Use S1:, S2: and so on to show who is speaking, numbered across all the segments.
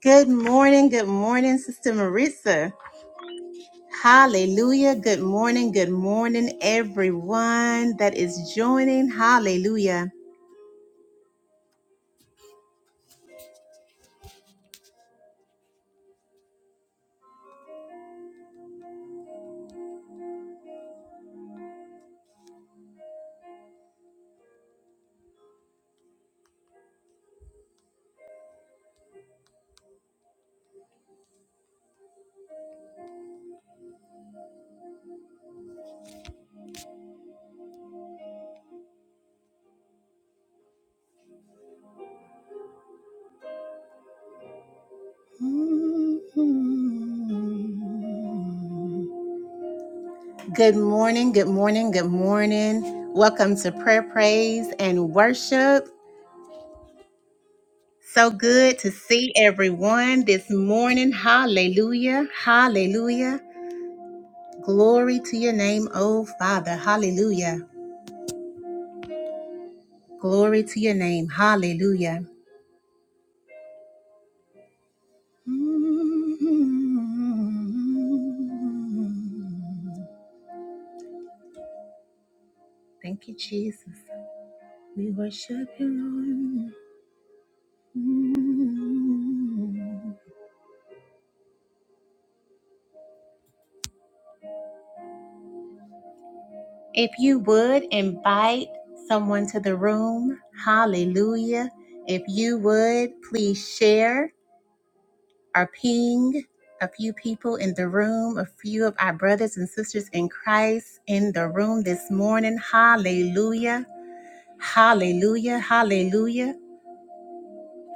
S1: Good morning, good morning, Sister Maritza. Hallelujah. Good morning, good morning, everyone that is joining. Hallelujah. Good morning, good morning, good morning. Welcome to prayer, praise, and worship. So good to see everyone this morning. Hallelujah. Hallelujah. Glory to your name, oh Father. Hallelujah. Glory to your name. Hallelujah. Mm-hmm. Thank you, Jesus. We worship you, Lord. Mm-hmm. If you would invite someone to the room, hallelujah. If you would, please share or ping a few people in the room, a few of our brothers and sisters in Christ in the room this morning. Hallelujah. Hallelujah, hallelujah.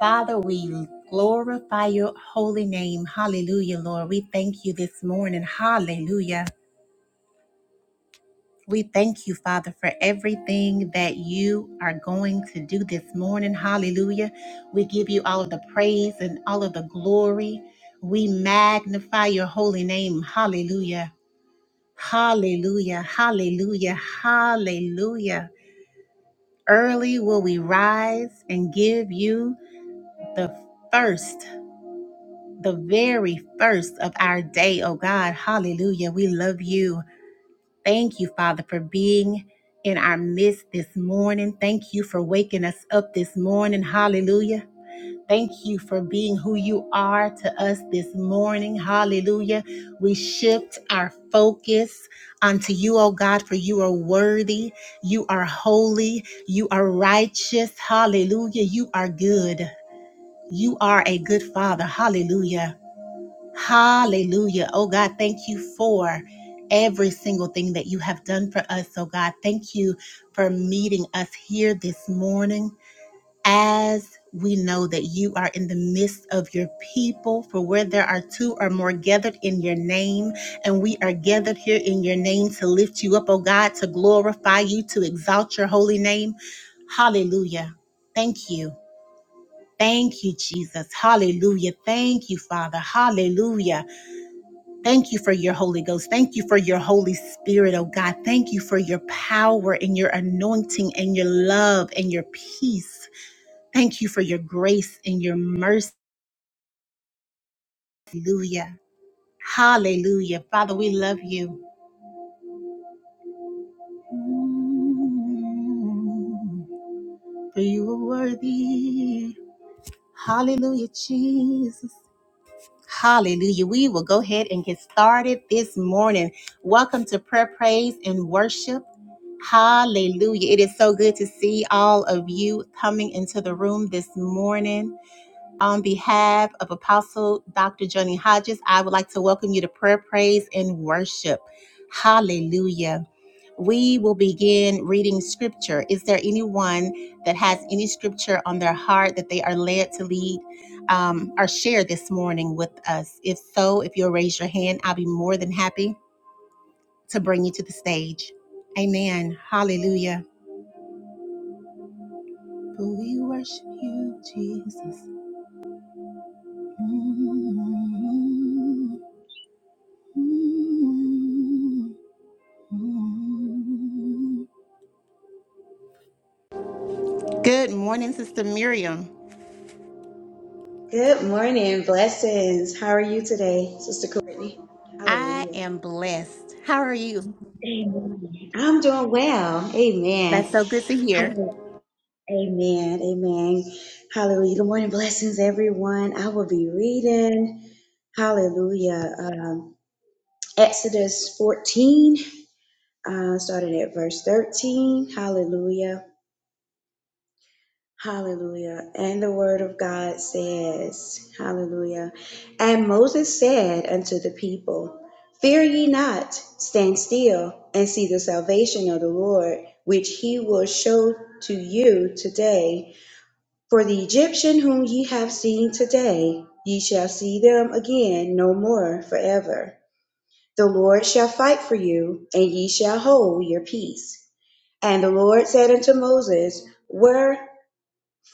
S1: Father, we glorify your holy name. Hallelujah, Lord. We thank you this morning. Hallelujah. We thank you, Father, for everything that you are going to do this morning. Hallelujah. We give you all of the praise and all of the glory. We magnify your holy name. Hallelujah. Hallelujah. Hallelujah. Hallelujah. Early will we rise and give you the first, the very first of our day, oh God. Hallelujah. We love you. Thank you, Father, for being in our midst this morning. Thank you for waking us up this morning. Hallelujah. Thank you for being who you are to us this morning. Hallelujah. We shift our focus unto you, oh God, for you are worthy. You are holy. You are righteous. Hallelujah. You are good. You are a good father. Hallelujah. Hallelujah. Oh God, thank you for every single thing that you have done for us. Oh God, thank you for meeting us here this morning as we know that you are in the midst of your people, for where there are two or more gathered in your name, and we are gathered here in your name to lift you up, oh God, to glorify you, to exalt your holy name. Hallelujah. Thank you. Thank you, Jesus. Hallelujah. Thank you, Father. Hallelujah. Thank you for your Holy Ghost. Thank you for your Holy Spirit, oh God. Thank you for your power and your anointing and your love and your peace. Thank you for your grace and your mercy. Hallelujah. Hallelujah. Father, we love you. For you are worthy. Hallelujah, Jesus. Hallelujah. We will go ahead and get started this morning. Welcome to prayer, praise, and worship. Hallelujah. It is so good to see all of you coming into the room this morning. On behalf of Apostle Dr. Johnny Hodges, I would like to welcome you to prayer, praise, and worship. Hallelujah. We will begin reading scripture. Is there anyone that has any scripture on their heart that they are led to lead um, or share this morning with us? If so, if you'll raise your hand, I'll be more than happy to bring you to the stage. Amen. Hallelujah. We worship you, Jesus. Mm. Good morning, Sister Miriam.
S2: Good morning. Blessings. How are you today, Sister Courtney?
S1: I
S2: Hallelujah.
S1: am blessed. How are you?
S2: Amen. I'm doing well. Amen.
S1: That's so good to hear.
S2: Hallelujah. Amen. Amen. Hallelujah. Good morning. Blessings, everyone. I will be reading. Hallelujah. Um, Exodus 14, uh, starting at verse 13. Hallelujah. Hallelujah. And the word of God says, Hallelujah. And Moses said unto the people, Fear ye not, stand still and see the salvation of the Lord, which he will show to you today. For the Egyptian whom ye have seen today, ye shall see them again no more forever. The Lord shall fight for you, and ye shall hold your peace. And the Lord said unto Moses, Where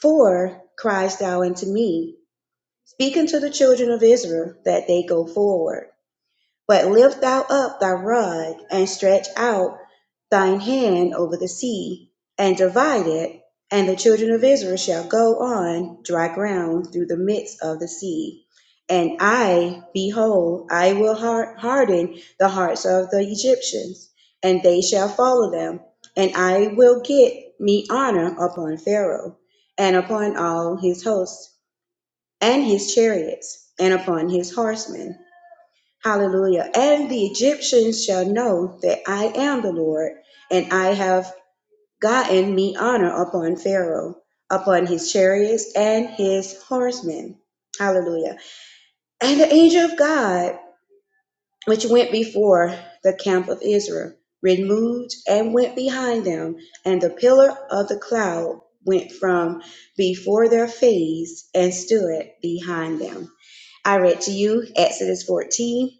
S2: for criest thou unto me, Speak unto the children of Israel, that they go forward. But lift thou up thy rod, and stretch out thine hand over the sea, and divide it, and the children of Israel shall go on dry ground through the midst of the sea. And I, behold, I will harden the hearts of the Egyptians, and they shall follow them, and I will get me honor upon Pharaoh, and upon all his hosts, and his chariots, and upon his horsemen Hallelujah. And the Egyptians shall know that I am the Lord, and I have gotten me honor upon Pharaoh, upon his chariots and his horsemen. Hallelujah. And the angel of God, which went before the camp of Israel, removed and went behind them, and the pillar of the cloud went from before their face and stood behind them. I read to you Exodus 14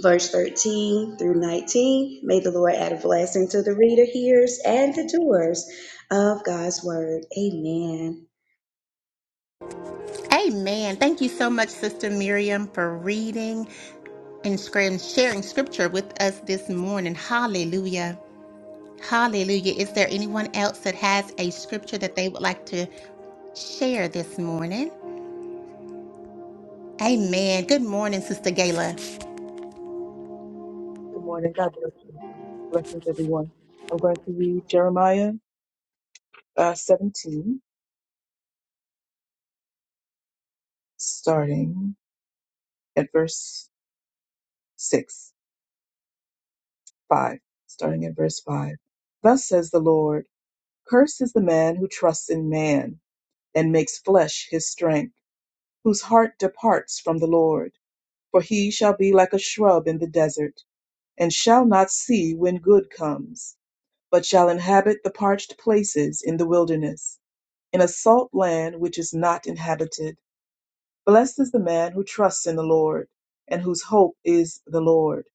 S2: verse 13 through 19. May the Lord add a blessing to the reader, hearers, and the doers of God's word. Amen.
S1: Amen. Thank you so much, Sister Miriam, for reading and scrim- sharing scripture with us this morning. Hallelujah. Hallelujah. Is there anyone else that has a scripture that they would like to share this morning? Amen. Good morning, Sister Gayla.
S3: Good morning. God bless you. Blessings, everyone. I'm going to read Jeremiah uh, 17, starting at verse 6, 5, starting at verse 5. Thus says the Lord Cursed is the man who trusts in man and makes flesh his strength, whose heart departs from the Lord. For he shall be like a shrub in the desert and shall not see when good comes but shall inhabit the parched places in the wilderness, in a salt land which is not inhabited. Blessed is the man who trusts in the Lord, and whose hope is the Lord.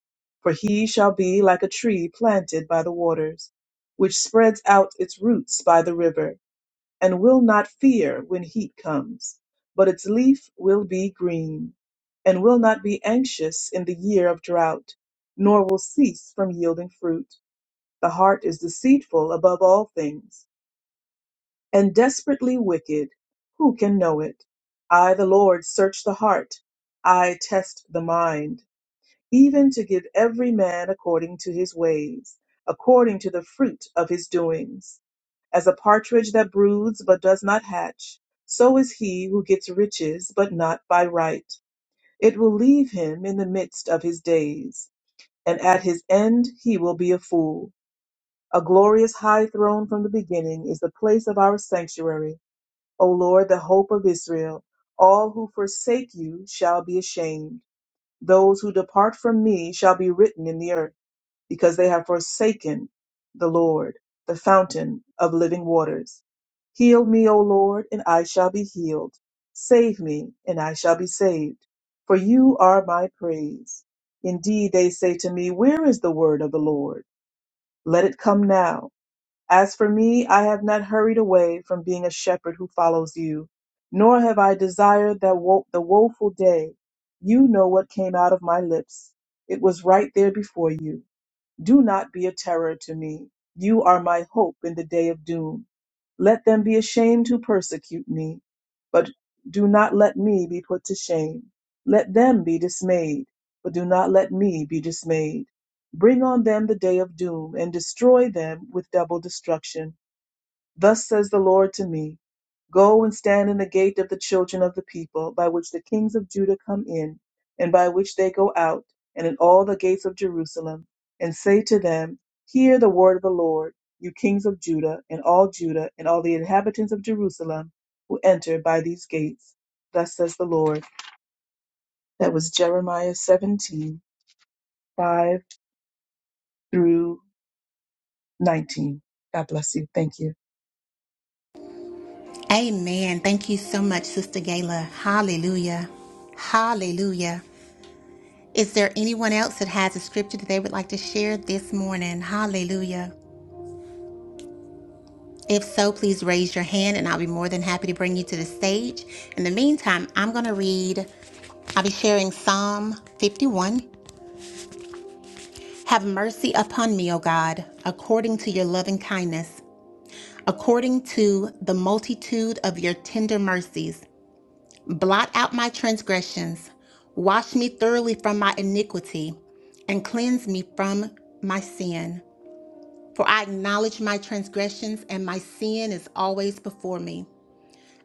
S3: For he shall be like a tree planted by the waters, which spreads out its roots by the river, and will not fear when heat comes, but its leaf will be green, and will not be anxious in the year of drought, nor will cease from yielding fruit. The heart is deceitful above all things and desperately wicked. Who can know it? I, the Lord, search the heart. I test the mind, even to give every man according to his ways, according to the fruit of his doings. As a partridge that broods but does not hatch, so is he who gets riches but not by right. It will leave him in the midst of his days, and at his end he will be a fool. A glorious high throne from the beginning is the place of our sanctuary. O Lord, the hope of Israel, all who forsake you shall be ashamed. Those who depart from me shall be written in the earth, because they have forsaken the Lord, the fountain of living waters. Heal me, O Lord, and I shall be healed. Save me, and I shall be saved. For you are my praise. Indeed, they say to me, Where is the word of the Lord? Let it come now. As for me, I have not hurried away from being a shepherd who follows you, nor have I desired that wo- the woeful day. You know what came out of my lips. It was right there before you. Do not be a terror to me. You are my hope in the day of doom. Let them be ashamed who persecute me, but do not let me be put to shame. Let them be dismayed, but do not let me be dismayed. Bring on them the day of doom, and destroy them with double destruction. Thus says the Lord to me Go and stand in the gate of the children of the people, by which the kings of Judah come in, and by which they go out, and in all the gates of Jerusalem, and say to them, Hear the word of the Lord, you kings of Judah, and all Judah, and all the inhabitants of Jerusalem, who enter by these gates. Thus says the Lord. That was Jeremiah 17:5 through 19. God bless you. Thank you.
S1: Amen. Thank you so much, Sister Gayla. Hallelujah. Hallelujah. Is there anyone else that has a scripture that they would like to share this morning? Hallelujah. If so, please raise your hand and I'll be more than happy to bring you to the stage. In the meantime, I'm going to read, I'll be sharing Psalm 51. Have mercy upon me, O God, according to your loving kindness, according to the multitude of your tender mercies. Blot out my transgressions, wash me thoroughly from my iniquity, and cleanse me from my sin. For I acknowledge my transgressions, and my sin is always before me.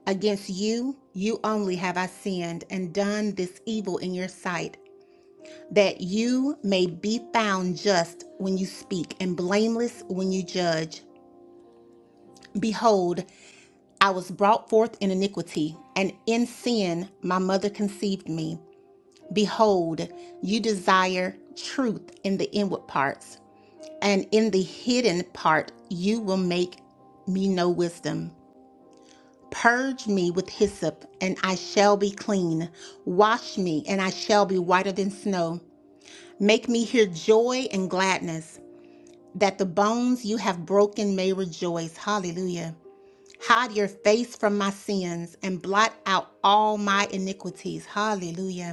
S1: Against you, you only have I sinned and done this evil in your sight, that you may be found just when you speak and blameless when you judge. Behold, I was brought forth in iniquity, and in sin my mother conceived me. Behold, you desire truth in the inward parts, and in the hidden part you will make me know wisdom. Purge me with hyssop, and I shall be clean. Wash me, and I shall be whiter than snow. Make me hear joy and gladness, that the bones you have broken may rejoice. Hallelujah. Hide your face from my sins and blot out all my iniquities. Hallelujah.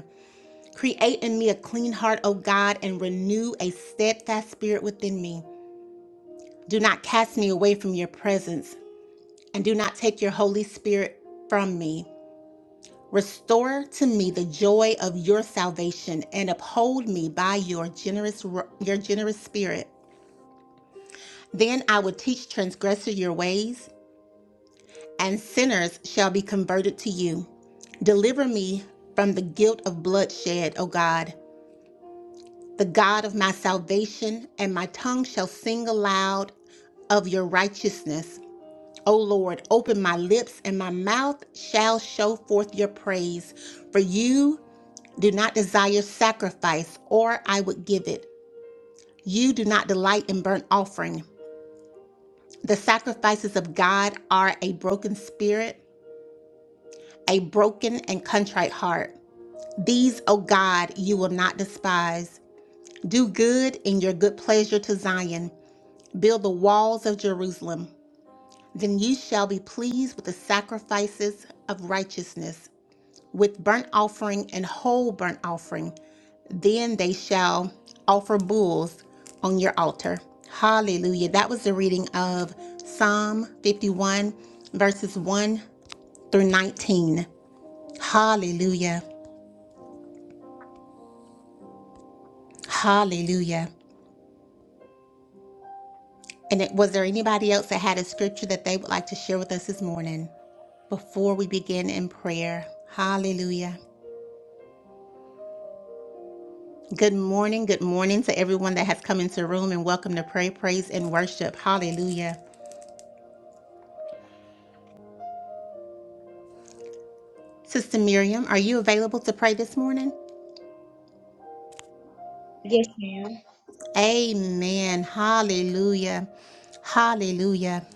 S1: Create in me a clean heart, O God, and renew a steadfast spirit within me. Do not cast me away from your presence, and do not take your Holy Spirit from me. Restore to me the joy of your salvation, and uphold me by your generous your generous spirit. Then I will teach transgressors your ways, and sinners shall be converted to you. Deliver me from the guilt of bloodshed, O God the God of my salvation, and my tongue shall sing aloud of your righteousness. O Lord, open my lips, and my mouth shall show forth your praise. For you do not desire sacrifice, or I would give it. You do not delight in burnt offering. The sacrifices of God are a broken spirit, a broken and contrite heart. These, O God, you will not despise. Do good in your good pleasure to Zion. Build the walls of Jerusalem. Then ye shall be pleased with the sacrifices of righteousness, with burnt offering and whole burnt offering. Then they shall offer bulls on your altar. Hallelujah. That was the reading of Psalm 51, verses 1 through 19. Hallelujah. Hallelujah. And it, was there anybody else that had a scripture that they would like to share with us this morning before we begin in prayer? Hallelujah. Good morning. Good morning to everyone that has come into the room and welcome to pray, praise, and worship. Hallelujah. Sister Miriam, are you available to pray this morning?
S2: Yes, ma'am.
S1: Amen. Hallelujah. Hallelujah.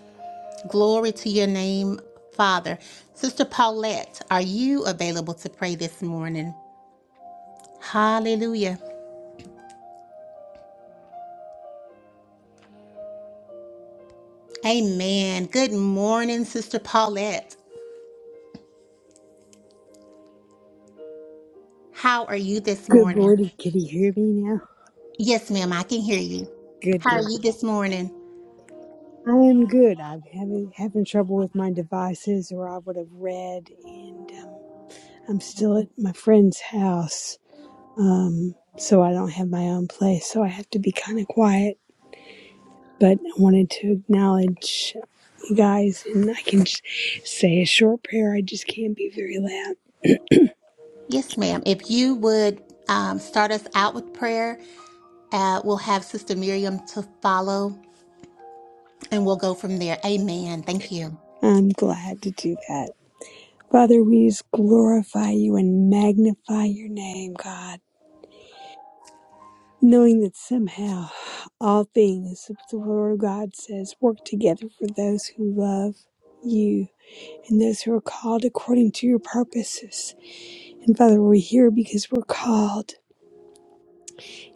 S1: Glory to your name, Father. Sister Paulette, are you available to pray this morning? Hallelujah. Amen. Good morning, Sister Paulette. How are you this
S4: Good
S1: morning?
S4: morning. Can you hear me now?
S1: Yes, ma'am, I can hear you.
S4: Good
S1: How are
S4: deal.
S1: you this morning?
S4: I am good. I'm having having trouble with my devices, or I would have read. And um, I'm still at my friend's house, um, so I don't have my own place. So I have to be kind of quiet. But I wanted to acknowledge you guys, and I can sh- say a short prayer. I just can't be very loud.
S1: Yes, ma'am. If you would um, start us out with prayer, uh, we'll have Sister Miriam to follow and we'll go from there. Amen. Thank you.
S4: I'm glad to do that. Father, we just glorify you and magnify your name, God. knowing that somehow all things, the Word of God says, work together for those who love you and those who are called according to your purposes. And Father, we're here because we're called.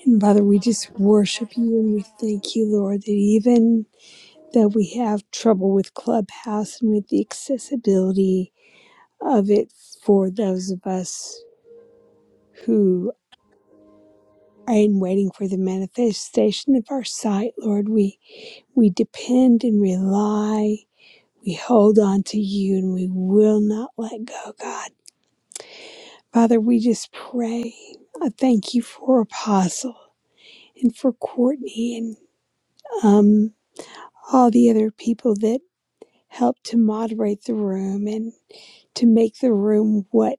S4: And Father, we just worship you and we thank you, Lord, that even though we have trouble with Clubhouse and with the accessibility of it for those of us who are in waiting for the manifestation of our sight, Lord, we We depend and rely. We hold on to you and we will not let go, God. Father, we just pray. I thank you for Apostle and for Courtney and um, all the other people that helped to moderate the room and to make the room what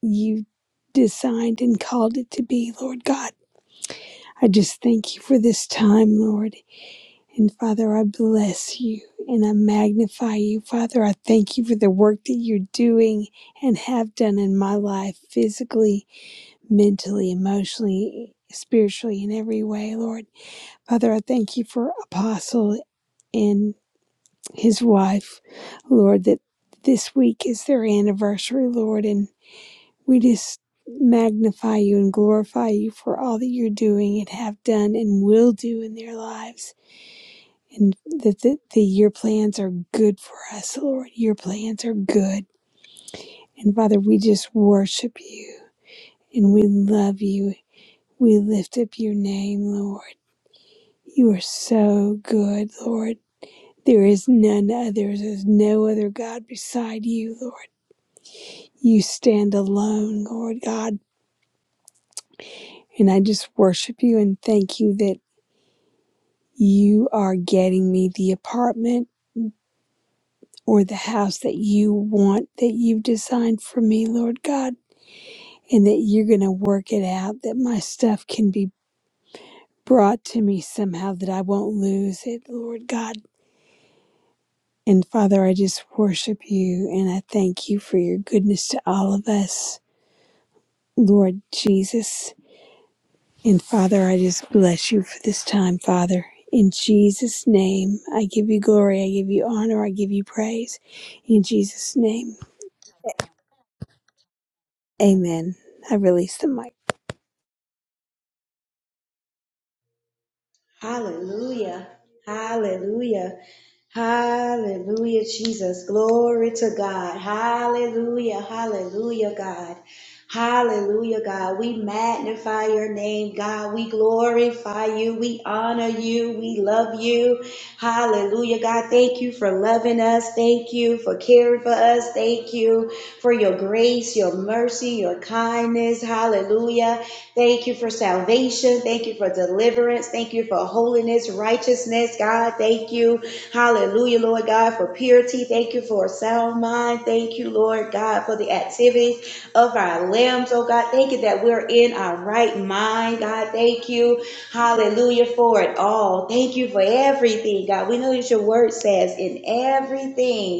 S4: you designed and called it to be, Lord God. I just thank you for this time, Lord. And Father, I bless you and I magnify you. Father, I thank you for the work that you're doing and have done in my life, physically, mentally, emotionally, spiritually, in every way, Lord. Father, I thank you for Apostle and his wife, Lord, that this week is their anniversary, Lord, and we just magnify you and glorify you for all that you're doing and have done and will do in their lives and that the, the, your plans are good for us, Lord. Your plans are good. And Father, we just worship you and we love you. We lift up your name, Lord. You are so good, Lord. There is none other. There's no other God beside you, Lord. You stand alone, Lord God. And I just worship you and thank you that you are getting me the apartment or the house that you want, that you've designed for me, Lord God. and that you're going to work it out, that my stuff can be brought to me somehow, that I won't lose it, Lord God. And Father, I just worship you and I thank you for your goodness to all of us, Lord Jesus. And Father, I just bless you for this time, Father. In Jesus' name, I give you glory, I give you honor, I give you praise. In Jesus' name, amen. I release the mic.
S2: Hallelujah. Hallelujah. Hallelujah, Jesus. Glory to God. Hallelujah. Hallelujah, God. Hallelujah, God. We magnify your name, God. We glorify you. We honor you. We love you. Hallelujah, God. Thank you for loving us. Thank you for caring for us. Thank you for your grace, your mercy, your kindness. Hallelujah. Thank you for salvation. Thank you for deliverance. Thank you for holiness, righteousness, God. Thank you. Hallelujah, Lord God, for purity. Thank you for a sound mind. Thank you, Lord God, for the activities of our limbs, oh God. Thank you that we're in our right mind, God. Thank you. Hallelujah for it all. Thank you for everything, God. We know that your word says in everything.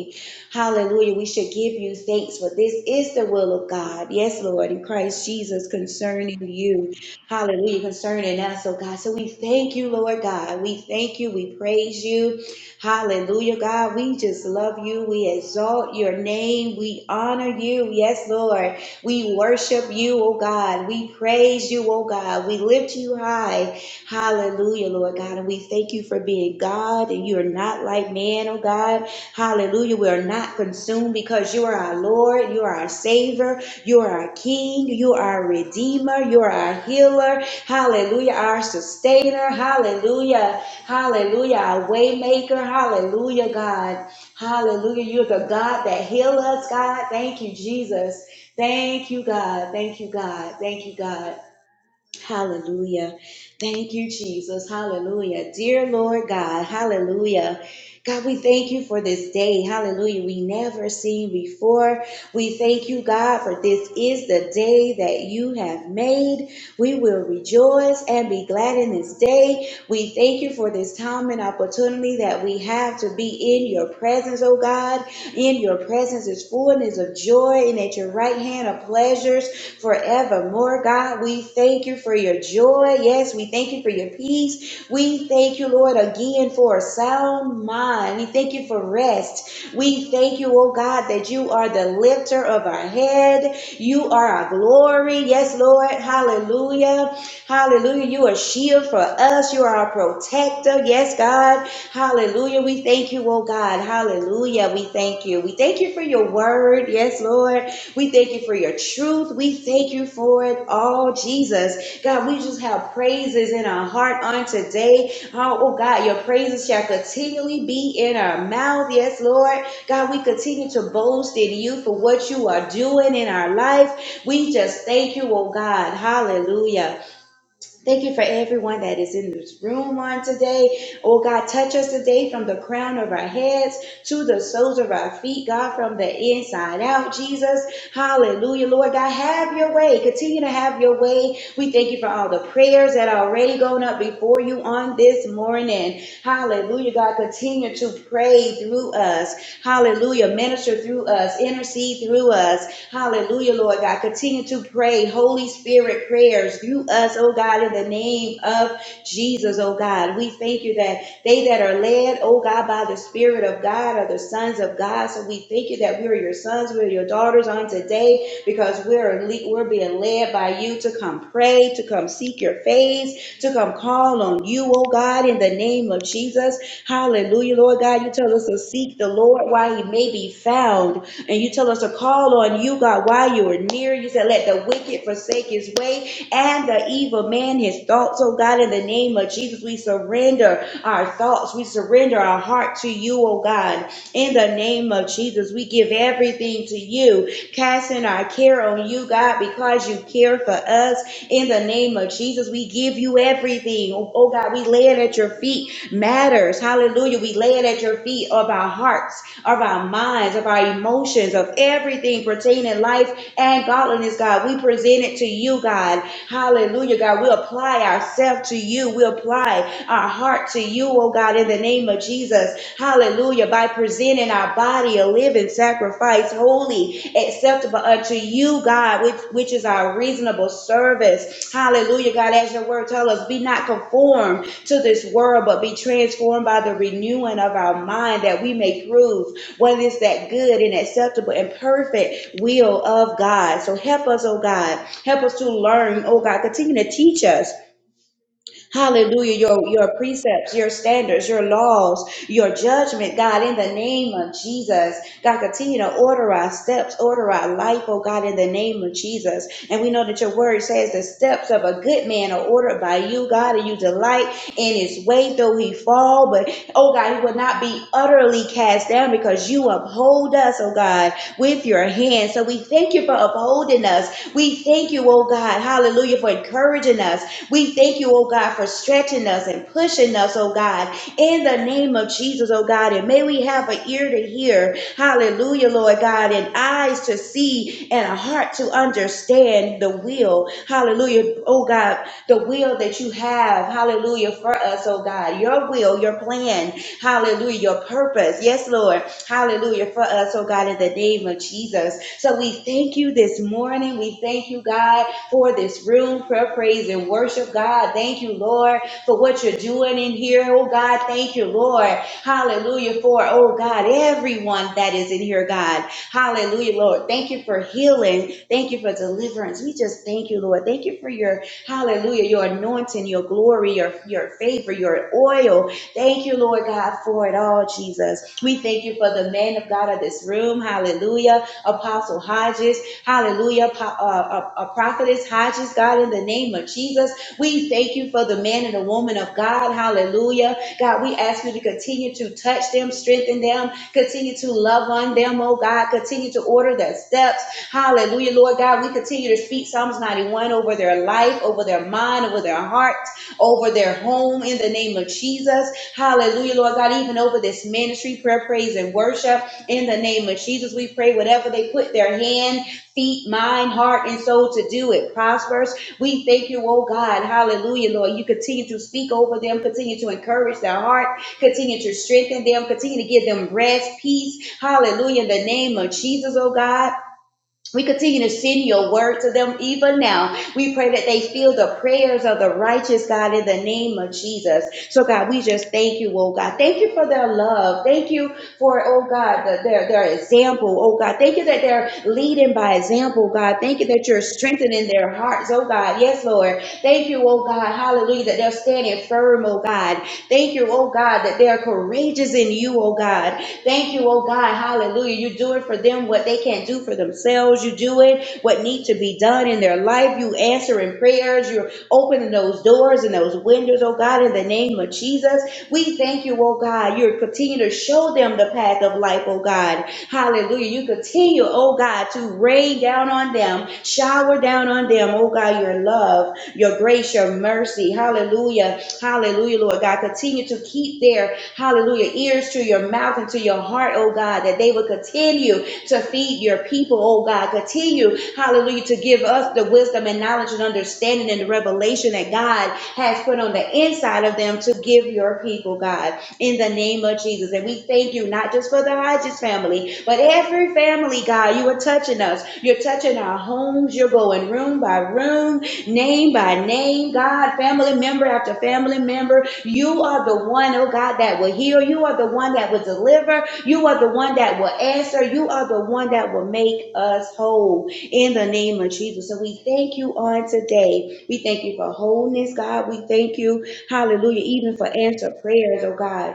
S2: Hallelujah. We should give you thanks for this is the will of God. Yes, Lord, in Christ Jesus concerning you. Hallelujah. Concerning us, oh God. So we thank you, Lord God. We thank you. We praise you. Hallelujah, God. We just love you. We exalt your name. We honor you. Yes, Lord. We worship you, oh God. We praise you, oh God. We lift you high. Hallelujah, Lord God. And we thank you for being God and you are not like man, oh God. Hallelujah. We are not consumed because you are our Lord, you are our Savior, you are our King, you are our Redeemer, you are our Healer. Hallelujah. Our Sustainer. Hallelujah. Hallelujah. Our Waymaker. Hallelujah, God. Hallelujah. You're the God that heals us, God. Thank you, Jesus. Thank you, God. Thank you, God. Thank you, God. Hallelujah. Thank you, Jesus. Hallelujah. Dear Lord God, hallelujah. God, we thank you for this day. Hallelujah. We never seen before. We thank you, God, for this is the day that you have made. We will rejoice and be glad in this day. We thank you for this time and opportunity that we have to be in your presence, oh God. In your presence is fullness of joy, and at your right hand are pleasures forevermore. God, we thank you for your joy. Yes, we thank you for your peace. We thank you, Lord, again for a sound mind. We thank you for rest. We thank you, oh God, that you are the lifter of our head. You are our glory. Yes, Lord. Hallelujah. Hallelujah. You are a shield for us. You are our protector. Yes, God. Hallelujah. We thank you, oh God. Hallelujah. We thank you. We thank you for your word. Yes, Lord. We thank you for your truth. We thank you for it all, Jesus. God, we just have praises in our heart on today. Oh, oh God, your praises shall continually be in our mouth. Yes, Lord. God, we continue to boast in you for what you are doing in our life. We just thank you, oh God. Hallelujah. Thank you for everyone that is in this room on today. Oh God, touch us today from the crown of our heads to the soles of our feet, God, from the inside out, Jesus. Hallelujah. Lord God, have your way. Continue to have your way. We thank you for all the prayers that are already going up before you on this morning. Hallelujah. God, continue to pray through us. Hallelujah. Minister through us. Intercede through us. Hallelujah, Lord God. Continue to pray Holy Spirit prayers through us, oh God, in the name of Jesus, oh God. We thank you that they that are led, oh God, by the Spirit of God are the sons of God. So we thank you that we're your sons, we're your daughters on today because we're le- we're being led by you to come pray, to come seek your face, to come call on you, oh God, in the name of Jesus. Hallelujah, Lord God. You tell us to seek the Lord while he may be found and you tell us to call on you, God, while you are near. You said, let the wicked forsake his way and the evil man his thoughts. Oh God, in the name of Jesus, we surrender our thoughts. We surrender our heart to you, oh God. In the name of Jesus, we give everything to you, casting our care on you, God, because you care for us. In the name of Jesus, we give you everything. Oh oh God, we lay it at your feet. Matters. Hallelujah. We lay it at your feet of our hearts, of our minds, of our emotions, of everything pertaining life and godliness, God. We present it to you, God. Hallelujah, God. We apply apply ourselves to you. We apply our heart to you, oh God, in the name of Jesus. Hallelujah. By presenting our body a living sacrifice, holy, acceptable unto you, God, which, which is our reasonable service. Hallelujah, God. As your word tells us, be not conformed to this world, but be transformed by the renewing of our mind that we may prove what is that good and acceptable and perfect will of God. So help us, oh God. Help us to learn, oh God. Continue to teach us Hallelujah. Your, your precepts, your standards, your laws, your judgment, God, in the name of Jesus. God, continue to order our steps, order our life, oh God, in the name of Jesus. And we know that your word says the steps of a good man are ordered by you, God, and you delight in his way, though he fall. But, oh God, he will not be utterly cast down because you uphold us, oh God, with your hand. So we thank you for upholding us. We thank you, oh God, hallelujah, for encouraging us. We thank you, oh God, for stretching us and pushing us, oh God, in the name of Jesus, oh God. And may we have an ear to hear, hallelujah, Lord God, and eyes to see and a heart to understand the will, hallelujah, oh God, the will that you have, hallelujah, for us, oh God. Your will, your plan, hallelujah, your purpose. Yes, Lord. Hallelujah for us, oh God, in the name of Jesus. So we thank you this morning. We thank you, God, for this room for praise and worship, God. Thank you, Lord, for what you're doing in here, oh God. Thank you, Lord. Hallelujah for, oh God, everyone that is in here, God. Hallelujah, Lord. Thank you for healing. Thank you for deliverance. We just thank you, Lord. Thank you for your hallelujah, your anointing, your glory, your, your favor, your oil. Thank you, Lord God, for it all, Jesus. We thank you for the man of God of this room. Hallelujah. Apostle Hodges. Hallelujah. a uh, uh, uh, prophetess Hodges, God, in the name of Jesus. We thank you for the man and the woman of God. Hallelujah. God, we ask you to continue to touch them, strengthen them, continue to love on them, oh God. Continue to order their steps. Hallelujah, Lord God. We continue to speak Psalms 91 over their life, over their mind, over their heart, over their home in the name of Jesus. Hallelujah, Lord God, even over this ministry, prayer, praise, and worship. In the name of Jesus, we pray whatever they put their hand, feet, mind, heart, and soul to do, it prospers. We thank you, oh God. Hallelujah, Lord. You continue to speak over them, continue to encourage their heart, continue to strengthen them, continue to give them rest, peace. Hallelujah, in the name of Jesus, oh God. We continue to send your word to them even now. We pray that they feel the prayers of the righteous, God, in the name of Jesus. So, God, we just thank you, oh God. Thank you for their love. Thank you for, oh God, the- their, their example, oh God. Thank you that they're leading by example, God. Thank you that you're strengthening their hearts, oh God. Yes, Lord. Thank you, oh God. Hallelujah. That they're standing firm, oh God. Thank you, oh God, that they're courageous in you, oh God. Thank you, oh God. Hallelujah. You do it for them what they can't do for themselves. You do it what needs to be done in their life. You answer in prayers. You're opening those doors and those windows, oh God, in the name of Jesus. We thank you, oh God. You continue to show them the path of life, oh God. Hallelujah. You continue, oh God, to rain down on them, shower down on them, oh God, your love, your grace, your mercy. Hallelujah. Hallelujah, Lord God. Continue to keep their hallelujah, ears to your mouth and to your heart, oh God, that they would continue to feed your people, oh God. Continue, hallelujah, to give us the wisdom and knowledge and understanding and the revelation that God has put on the inside of them to give your people, God, in the name of Jesus. And we thank you not just for the Hodges family, but every family, God, you are touching us. You're touching our homes. You're going room by room, name by name, God, family member after family member, you are the one, oh God, that will heal. You are the one that will deliver. You are the one that will answer. You are the one that will make us whole in the name of Jesus. So we thank you on today. We thank you for wholeness, God. We thank you, hallelujah, even for answer prayers, oh God.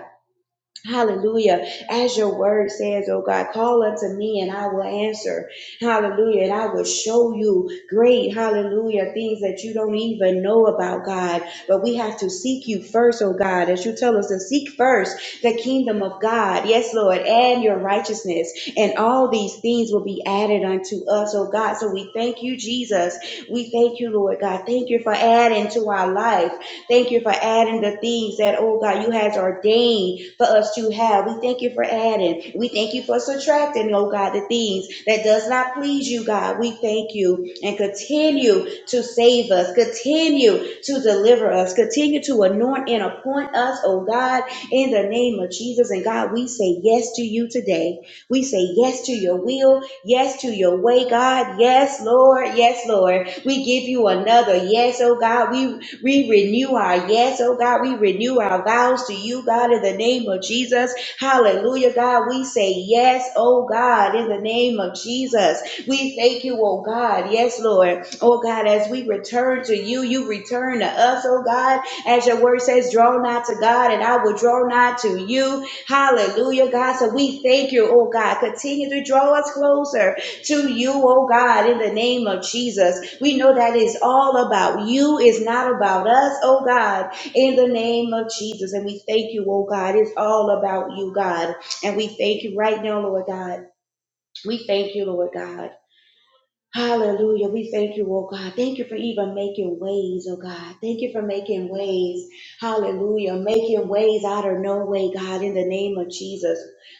S2: Hallelujah. As your word says, oh God, call unto me and I will answer. Hallelujah. And I will show you great, hallelujah, things that you don't even know about, God. But we have to seek you first, oh God, as you tell us to seek first the kingdom of God. Yes, Lord, and your righteousness. And all these things will be added unto us, oh God. So we thank you, Jesus. We thank you, Lord God. Thank you for adding to our life. Thank you for adding the things that, oh God, you has ordained for us to have. We thank you for adding. We thank you for subtracting, oh God, the things that does not please you, God. We thank you and continue to save us, continue to deliver us, continue to anoint and appoint us, oh God, in the name of Jesus. And God, we say yes to you today. We say yes to your will, yes to your way, God. Yes, Lord. Yes, Lord. We give you another yes, oh God. We we renew our yes, oh God. We renew our vows to you, God, in the name of Jesus. Hallelujah, God. We say yes, oh God, in the name of Jesus. We thank you, oh God. Yes, Lord. Oh God, as we return to you, you return to us, oh God. As your word says, draw nigh to God, and I will draw nigh to you. Hallelujah, God. So we thank you, oh God. Continue to draw us closer to you, oh God, in the name of Jesus. We know that is all about you, it's not about us, oh God, in the name of Jesus. And we thank you, oh God, it's all about you, God. And we thank you right now, Lord God. We thank you, Lord God. Hallelujah. We thank you, oh God. Thank you for even making ways, oh God. Thank you for making ways. Hallelujah. Making ways out of no way, God, in the name of Jesus.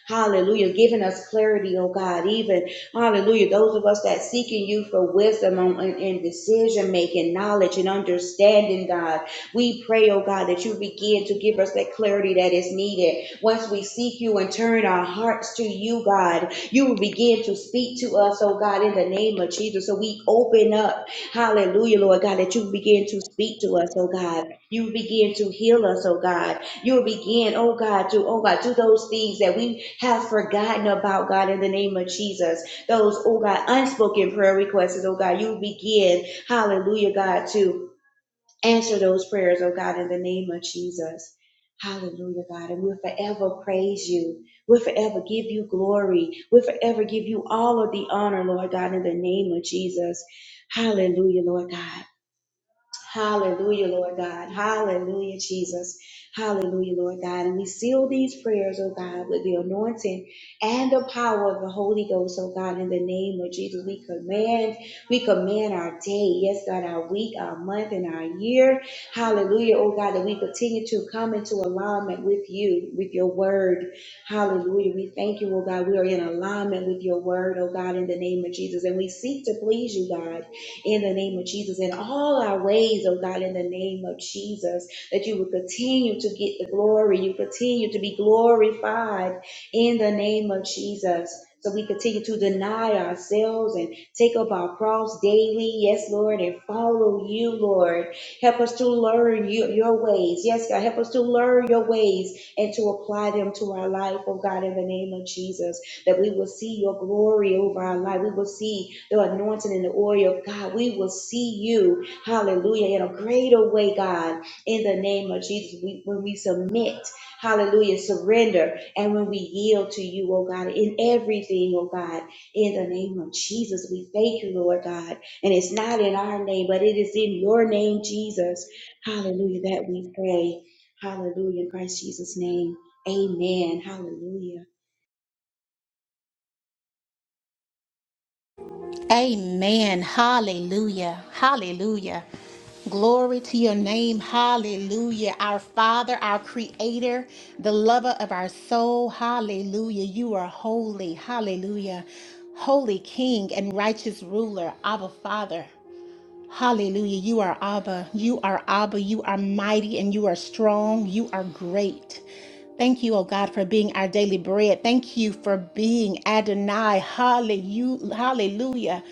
S2: Hallelujah. Giving us clarity, oh God. Even, hallelujah, those of us that seeking you for wisdom on, on- and decision making, knowledge and understanding, God. We pray, oh God, that you begin to give us that clarity that is needed. Once we seek you and turn our hearts to you, God, you will begin to speak to us, oh God, in the name of Jesus. So we open up, hallelujah, Lord God, that you begin to speak to us, oh God. You begin to heal us, oh God. You begin, oh God, to, oh God, do those things that we have forgotten about, God, in the name of Jesus. Those, oh God, unspoken prayer requests, oh God, you begin, hallelujah, God, to Answer those prayers, oh God, in the name of Jesus. Hallelujah, God. And we'll forever praise you. We'll forever give you glory. We'll forever give you all of the honor, Lord God, in the name of Jesus. Hallelujah, Lord God. Hallelujah, Lord God. Hallelujah, Jesus. Hallelujah, Lord God. And we seal these prayers, oh God, with the anointing and the power of the Holy Ghost, oh God, in the name of Jesus. We command, we command our day, yes, God, our week, our month, and our year. Hallelujah, oh God, that we continue to come into alignment with you, with your word. Hallelujah. We thank you, oh God. We are in alignment with your word, oh God, in the name of Jesus. And we seek to please you, God in the name of Jesus, in all our ways, oh God, in the name of Jesus, that you would continue to get the glory. You continue to be glorified in the name of Jesus. So we continue to deny ourselves and take up our cross daily. Yes, Lord, and follow you, Lord. Help us to learn you, your ways. Yes, God, help us to learn your ways and to apply them to our life, oh God, in the name of Jesus that we will see your glory over our life. We will see the anointing and the oil of God. We will see you, hallelujah, in a greater way, God, in the name of Jesus. We, when we submit, hallelujah, surrender, and when we yield to you, oh God, in everything, oh God, in the name of Jesus, we thank you, Lord God. And it's not in our name, but it is in your name, Jesus, hallelujah, that we pray. Hallelujah, in Christ Jesus' name. Amen. Hallelujah.
S1: Amen. Hallelujah. Hallelujah. Glory to your name. Hallelujah. Our Father, our Creator, the lover of our soul. Hallelujah. You are holy. Hallelujah. Holy King and righteous ruler, Abba Father. Hallelujah. You are Abba. You are Abba. You are mighty and you are strong. You are great. Thank you, oh God, for being our daily bread. Thank you for being Adonai. Hallelu- Hallelujah.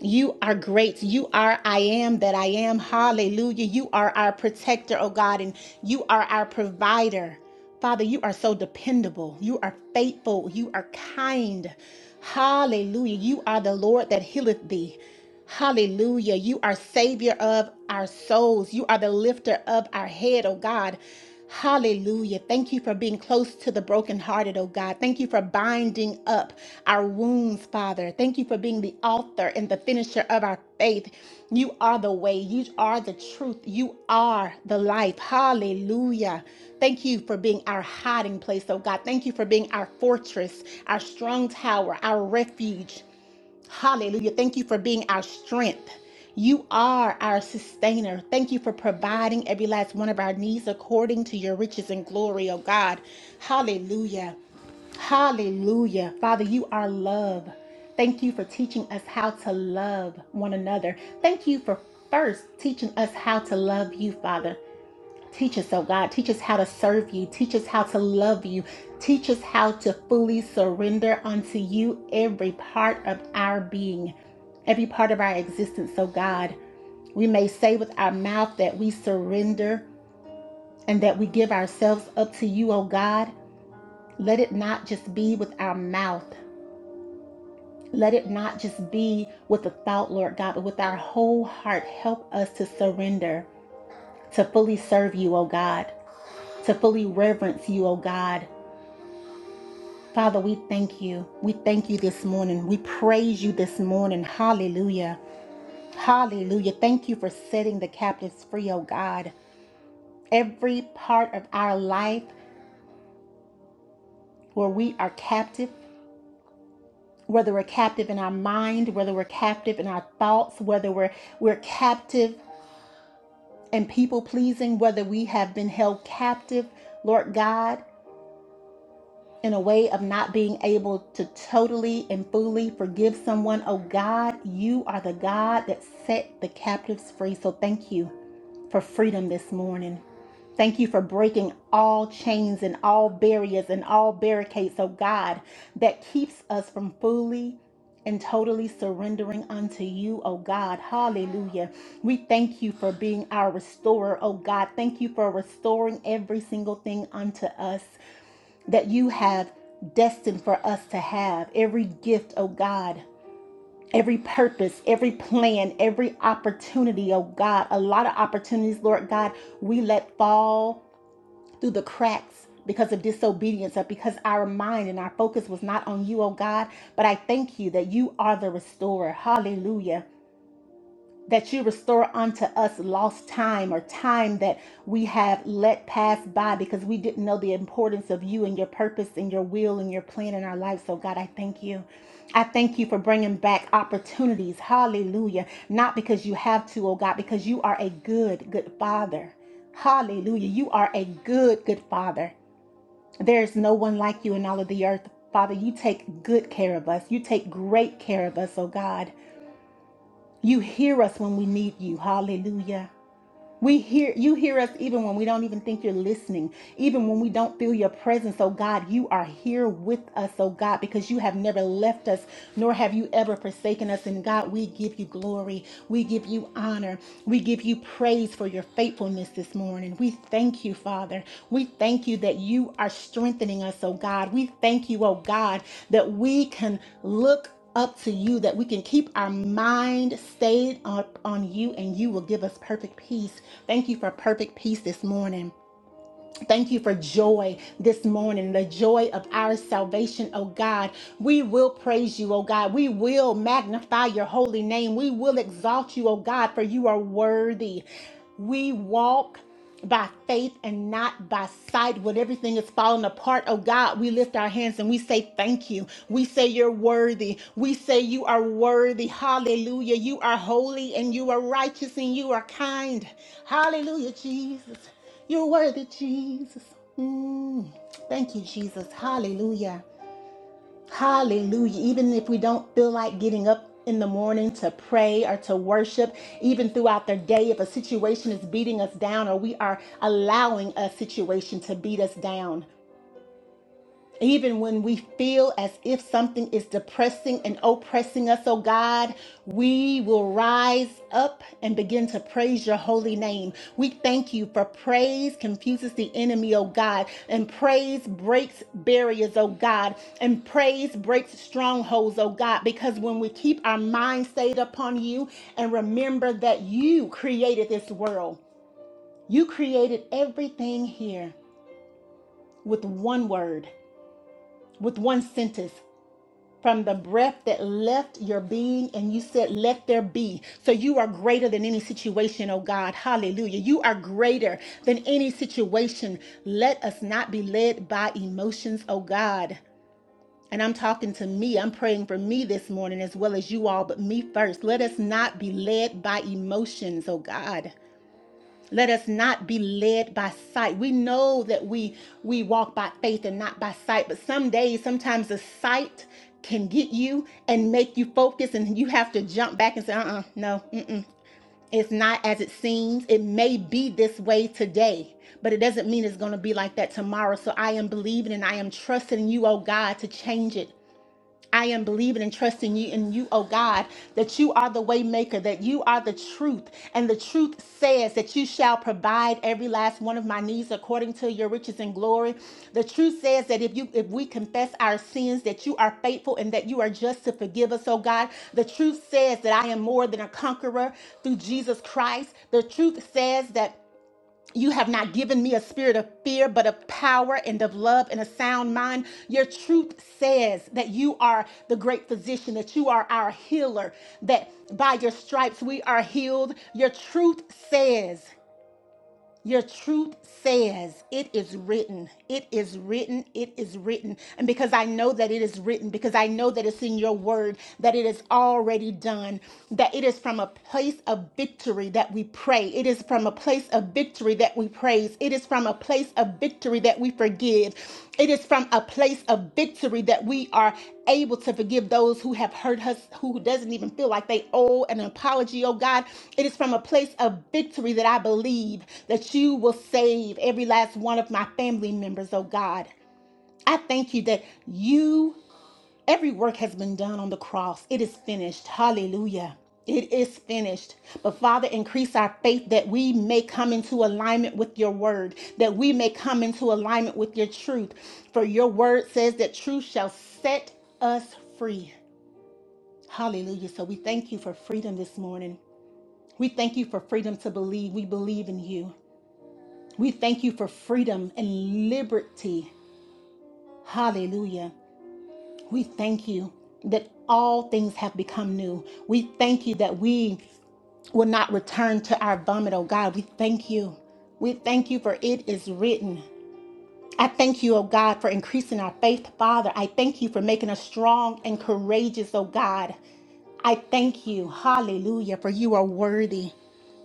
S1: You are great. You are I am that I am. Hallelujah. You are our protector, oh God, and you are our provider. Father, you are so dependable. You are faithful. You are kind. Hallelujah. You are the Lord that healeth thee. Hallelujah. You are Savior of our souls. You are the lifter of our head, oh God. Hallelujah. Thank you for being close to the brokenhearted, oh God. Thank you for binding up our wounds, Father. Thank you for being the author and the finisher of our faith. You are the way. You are the truth. You are the life. Hallelujah. Thank you for being our hiding place, oh God. Thank you for being our fortress, our strong tower, our refuge. Hallelujah. Thank you for being our strength. You are our sustainer. Thank you for providing every last one of our needs according to your riches and glory, oh God. Hallelujah. Hallelujah. Father, you are love. Thank you for teaching us how to love one another. Thank you for first teaching us how to love you, Father. Teach us, oh God. Teach us how to serve you. Teach us how to love you. Teach us how to fully surrender unto you every part of our being, every part of our existence, oh God. We may say with our mouth that we surrender and that we give ourselves up to you, oh God. Let it not just be with our mouth. Let it not just be with a thought, Lord God, but with our whole heart. Help us to surrender, to fully serve you, oh God, to fully reverence you, oh God Father, we thank you. We thank you this morning. We praise you this morning. Hallelujah. Hallelujah. Thank you for setting the captives free, oh God. Every part of our life where we are captive, whether we're captive in our mind, whether we're captive in our thoughts, whether we're we're captive and people pleasing, whether we have been held captive, Lord God. in a way of not being able to totally and fully forgive someone. Oh God, you are the God that set the captives free. So thank you for freedom this morning. Thank you for breaking all chains and all barriers and all barricades, oh God, that keeps us from fully and totally surrendering unto you, oh God. Hallelujah. We thank you for being our restorer, oh God. Thank you for restoring every single thing unto us that you have destined for us to have. Every gift, oh God, every purpose, every plan, every opportunity, oh God. A lot of opportunities, Lord God, we let fall through the cracks because of disobedience or because our mind and our focus was not on you, oh God. But I thank you that you are the restorer. Hallelujah that you restore unto us lost time or time that we have let pass by because we didn't know the importance of you and your purpose and your will and your plan in our lives. So, God, I thank you. I thank you for bringing back opportunities. Hallelujah. Not because you have to, oh God, because you are a good, good father. Hallelujah. You are a good, good father. There's no one like you in all of the earth. Father, you take good care of us. You take great care of us, oh God. You hear us when we need you. Hallelujah. We hear you hear us even when we don't even think you're listening, even when we don't feel your presence. Oh God, you are here with us, oh God, because you have never left us, nor have you ever forsaken us. And God, we give you glory. We give you honor. We give you praise for your faithfulness this morning. We thank you, Father. We thank you that you are strengthening us, oh God. We thank you, oh God, that we can look up to you that we can keep our mind stayed up on you and you will give us perfect peace. Thank you for perfect peace this morning. Thank you for joy this morning, the joy of our salvation, oh God. We will praise you, oh God. We will magnify your holy name. We will exalt you, oh God, for you are worthy. We walk by faith and not by sight when everything is falling apart oh god we lift our hands and we say thank you we say you're worthy we say you are worthy hallelujah you are holy and you are righteous and you are kind hallelujah jesus you're worthy, Jesus. Mm. Thank you, Jesus. Hallelujah. Hallelujah. Even if we don't feel like getting up in the morning to pray or to worship, even throughout the day, if a situation is beating us down or we are allowing a situation to beat us down. Even when we feel as if something is depressing and oppressing us, oh God, we will rise up and begin to praise your holy name. We thank you for praise confuses the enemy, oh God, and praise breaks barriers, oh God, and praise breaks strongholds, oh God, because when we keep our mind stayed upon you and remember that you created this world, you created everything here with one word, with one sentence from the breath that left your being and you said let there be so you are greater than any situation oh god hallelujah you are greater than any situation let us not be led by emotions oh god and I'm talking to me. I'm praying for me this morning as well as you all, but me first. Let us not be led by emotions, oh God. Let us not be led by sight. We know that we we walk by faith and not by sight, but some days sometimes the sight can get you and make you focus and you have to jump back and say, "Uh-uh, no. Mm-mm. It's not as it seems. It may be this way today, but it doesn't mean it's going to be like that tomorrow." So I am believing and I am trusting you, oh God, to change it. I am believing and trusting you and you, oh God, that you are the way maker, that you are the truth. And the truth says that you shall provide every last one of my needs according to your riches and glory. The truth says that if you if we confess our sins, that you are faithful and that you are just to forgive us, oh God. The truth says that I am more than a conqueror through Jesus Christ. The truth says that you have not given me a spirit of fear, but of power and of love and a sound mind. Your truth says that you are the great physician, that you are our healer, that by your stripes we are healed. Your truth says your truth says it is written. It is written. It is written. And because I know that it is written, because I know that it's in your word, that it is already done, that it is from a place of victory that we pray. It is from a place of victory that we praise. It is from a place of of victory that we forgive. It is from a place of victory that we are able to forgive those who have hurt us, who doesn't even feel like they owe an apology, oh God. It is from a place of victory that I believe that you will save every last one of my family members, oh God. I thank you that you Every work has been done on the cross. It is finished. Hallelujah. It is finished. But Father, increase our faith that we may come into alignment with your word, that we may come into alignment with your truth. For your word says that truth shall set us free. Hallelujah. So we thank you for freedom this morning. We thank you for freedom to believe. We believe in you. We thank you for freedom and liberty. Hallelujah. We thank you that all things have become new. We thank you that we will not return to our vomit, oh God. We thank you. We thank you for it is written. I thank you, oh God, for increasing our faith, Father. I thank you for making us strong and courageous, oh God. I thank you, hallelujah, for you are worthy.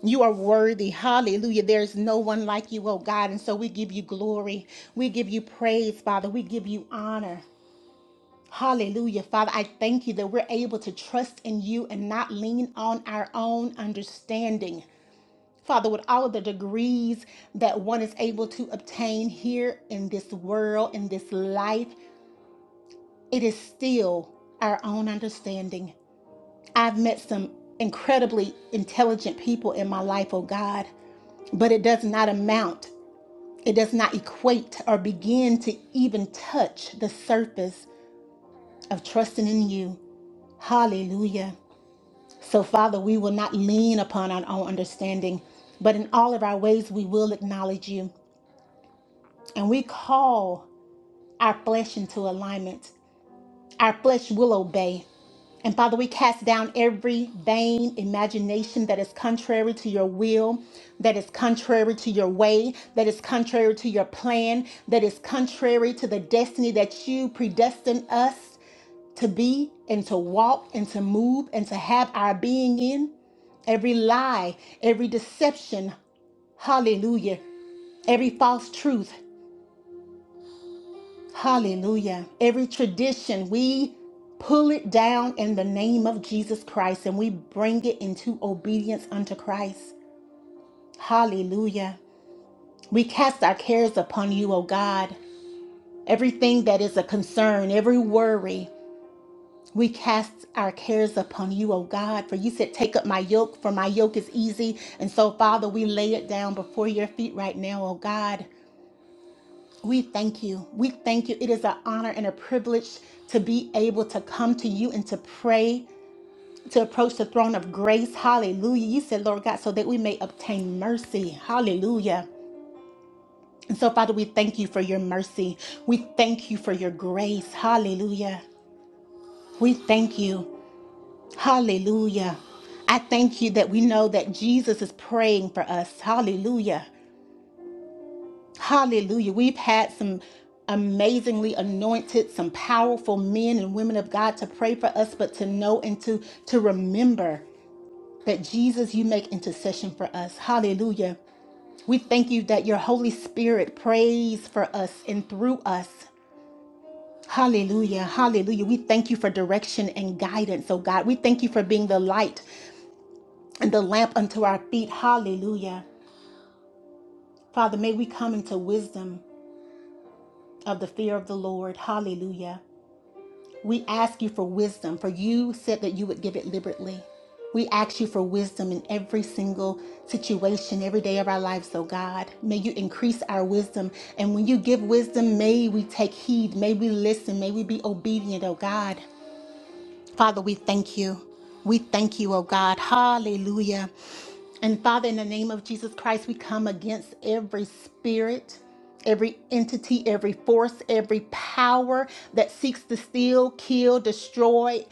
S1: You are worthy. Hallelujah. There's no one like you, oh God. And so we give you glory. We give you praise, Father. We give you honor. Hallelujah. Father, I thank you that we're able to trust in you and not lean on our own understanding. Father, with all of the degrees that one is able to obtain here in this world, in this life, it is still our own understanding. I've met some incredibly intelligent people in my life, oh God, but it does not amount, it does not equate or begin to even touch the surface of trusting in you. Hallelujah. So, Father, we will not lean upon our own understanding, but in all of our ways we will acknowledge you. And we call our flesh into alignment. Our flesh will obey. And Father, we cast down every vain imagination that is contrary to your will, that is contrary to your way, that is contrary to your plan, that is contrary to the destiny that you predestined us to be and to walk and to move and to have our being in. Every lie, every deception, hallelujah. Every false truth, hallelujah. Every tradition, we pull it down in the name of Jesus Christ and we bring it into obedience unto Christ. Hallelujah. We cast our cares upon you, O God. Everything that is a concern, every worry. We cast our cares upon you, O God, for you said, Take up my yoke, for my yoke is easy. And so, Father, we lay it down before your feet right now, O God. We thank you. We thank you. It is an honor and a privilege to be able to come to you and to pray, to approach the throne of grace. Hallelujah. You said, Lord God, so that we may obtain mercy. Hallelujah. And so, Father, we thank you for your mercy. We thank you for your grace. Hallelujah. We thank you. Hallelujah. I thank you that we know that Jesus is praying for us. Hallelujah. Hallelujah. We've had some amazingly anointed, some powerful men and women of God to pray for us, but to know and to, to remember that Jesus, you make intercession for us. Hallelujah. We thank you that your Holy Spirit prays for us and through us. Hallelujah. Hallelujah. We thank you for direction and guidance, oh God. We thank you for being the light and the lamp unto our feet. Hallelujah. Father, may we come into wisdom of the fear of the Lord. Hallelujah. We ask you for wisdom, for you said that you would give it liberally. We ask you for wisdom in every single situation, every day of our lives, oh God. May you increase our wisdom. And when you give wisdom, may we take heed, may we listen, may we be obedient, oh God. Father, we thank you. We thank you, oh God. Hallelujah. And Father, in the name of Jesus Christ, we come against every spirit, every entity, every force, every power that seeks to steal, kill, destroy.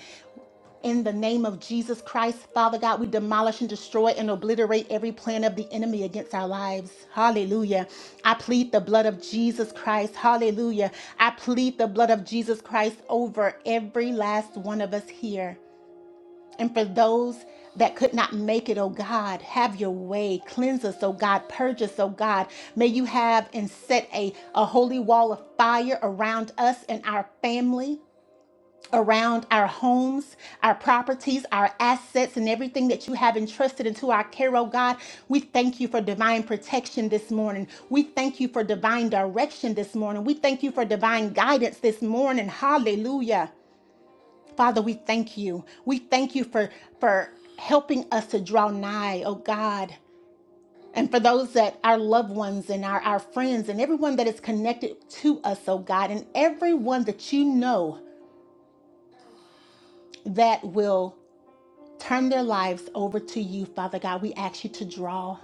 S1: In the name of Jesus Christ, Father God, we demolish and destroy and obliterate every plan of the enemy against our lives. Hallelujah. I plead the blood of Jesus Christ. Hallelujah. I plead the blood of Jesus Christ over every last one of us here. And for those that could not make it, oh God, have your way. Cleanse us, oh God. Purge us, oh God. May you have and set a, a holy wall of fire around us and our family. Around our homes, our properties, our assets, and everything that you have entrusted into our care, oh God. We thank you for divine protection this morning. We thank you for divine direction this morning. We thank you for divine guidance this morning. Hallelujah. Father, we thank you. We thank you for for helping us to draw nigh, oh God. And for those that our loved ones and our, our friends and everyone that is connected to us, oh God, and everyone that you know that will turn their lives over to you, Father God, we ask you to draw.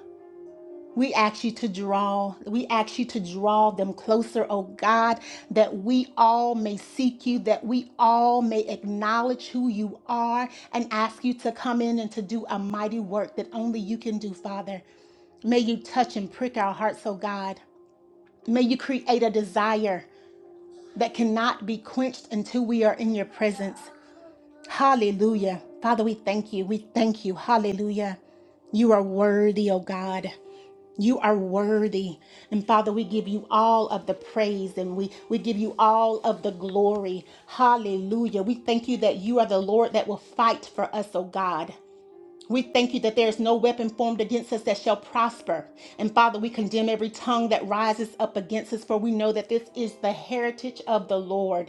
S1: We ask you to draw, we ask you to draw them closer, oh God, that we all may seek you, that we all may acknowledge who you are and ask you to come in and to do a mighty work that only you can do, Father. May you touch and prick our hearts, oh God. May you create a desire that cannot be quenched until we are in your presence. Hallelujah. Father, we thank you. We thank you. Hallelujah. You are worthy, oh God. You are worthy. And Father, we give you all of the praise and we, we give you all of the glory. Hallelujah. We thank you that you are the Lord that will fight for us, oh God. We thank you that there is no weapon formed against us that shall prosper. And Father, we condemn every tongue that rises up against us, for we know that this is the heritage of the Lord.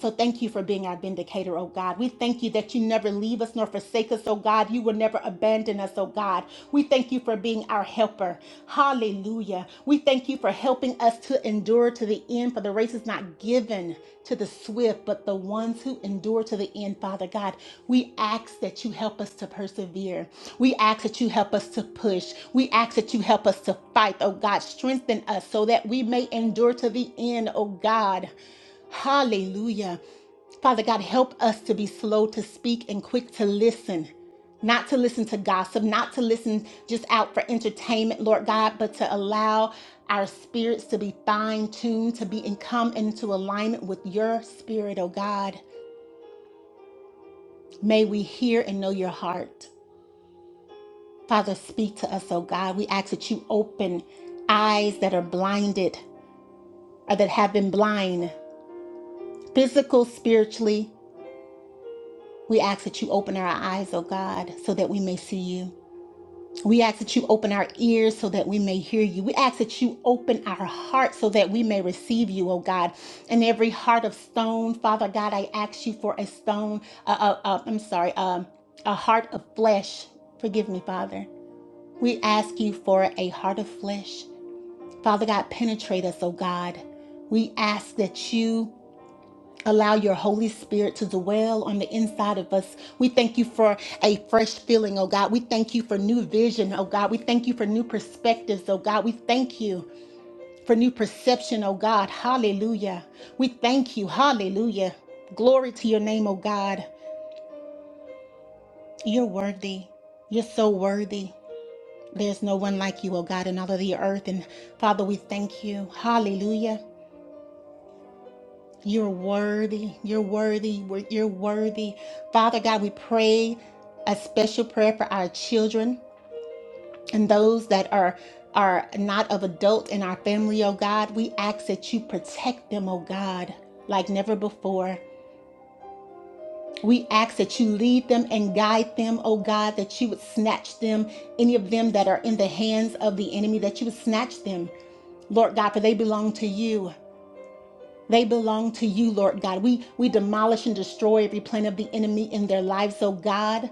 S1: So thank you for being our vindicator, oh God. We thank you that you never leave us nor forsake us, oh God. You will never abandon us, oh God. We thank you for being our helper. Hallelujah. We thank you for helping us to endure to the end, for the race is not given to the swift, but the ones who endure to the end, Father God. We ask that you help us to persevere. We ask that you help us to push. We ask that you help us to fight, oh God. Strengthen us so that we may endure to the end, oh God. Hallelujah. Father God, help us to be slow to speak and quick to listen. Not to listen to gossip, not to listen just out for entertainment, Lord God, but to allow our spirits to be fine tuned, to be in come into alignment with your spirit, oh God. May we hear and know your heart. Father, speak to us, oh God. We ask that you open eyes that are blinded or that have been blind, physical, spiritually, We ask that you open our eyes, oh God, so that we may see you. We ask that you open our ears so that we may hear you. We ask that you open our hearts so that we may receive you, oh God. And every heart of stone, Father God, I ask you for a stone, uh, uh, uh, I'm sorry, um, a heart of flesh. Forgive me, Father. We ask you for a heart of flesh. Father God, penetrate us, oh God. We ask that you Allow your Holy Spirit to dwell on the inside of us. We thank you for a fresh feeling, oh God. We thank you for new vision, oh God. We thank you for new perspectives, oh God. We thank you for new perception, oh God. Hallelujah. We thank you. Hallelujah. Glory to your name, oh God. You're worthy. You're so worthy. There's no one like you, oh God, in all of the earth. And Father, we thank you. Hallelujah. You're worthy. You're worthy. You're worthy. Father God, we pray a special prayer for our children and those that are are not of adult in our family, oh God. We ask that you protect them, oh God, like never before. We ask that you lead them and guide them, oh God, that you would snatch them, any of them that are in the hands of the enemy, that you would snatch them, Lord God, for they belong to you. They belong to you, Lord God. We we demolish and destroy every plan of the enemy in their lives, oh God.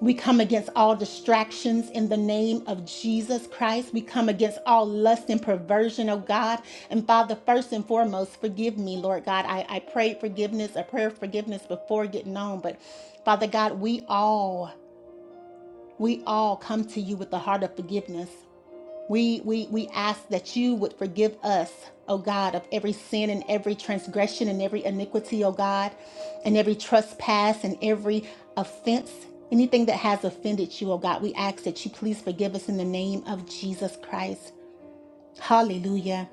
S1: We come against all distractions in the name of Jesus Christ. We come against all lust and perversion, oh God. And Father, first and foremost, forgive me, Lord God. I, I prayed forgiveness, a prayer of forgiveness before getting on. But Father God, we all, we all come to you with the heart of forgiveness. We, we, we ask that you would forgive us, O God, of every sin and every transgression and every iniquity, O God, and every trespass and every offense, anything that has offended you, O God. We ask that you please forgive us in the name of Jesus Christ. Hallelujah.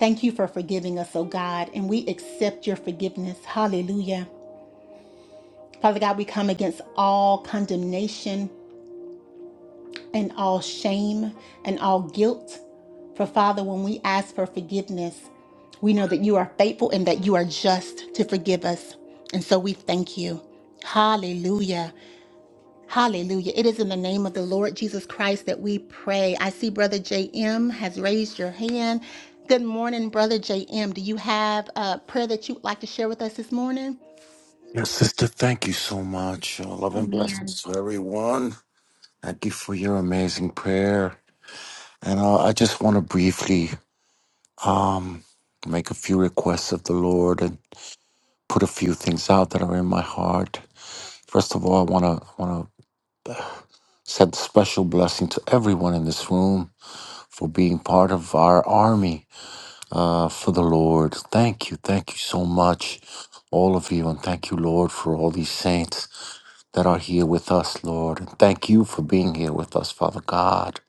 S1: Thank you for forgiving us, O God, and we accept your forgiveness. Hallelujah. Father God, we come against all condemnation and all shame and all guilt. For Father, when we ask for forgiveness, we know that you are faithful and that you are just to forgive us. And so we thank you. Hallelujah. Hallelujah. It is in the name of the Lord Jesus Christ that we pray. I see Brother JM has raised your hand. Good morning, Brother JM. Do you have a prayer that you would like to share with us this morning?
S5: Yes, sister, thank you so much. Uh, love and blessings to everyone. Thank you for your amazing prayer. And uh, I just want to briefly um, make a few requests of the Lord and put a few things out that are in my heart. First of all, I want to want to send special blessing to everyone in this room for being part of our army uh, for the Lord. Thank you, thank you so much, all of you, and thank you, Lord, for all these saints that are here with us, Lord. And thank you for being here with us, Father God,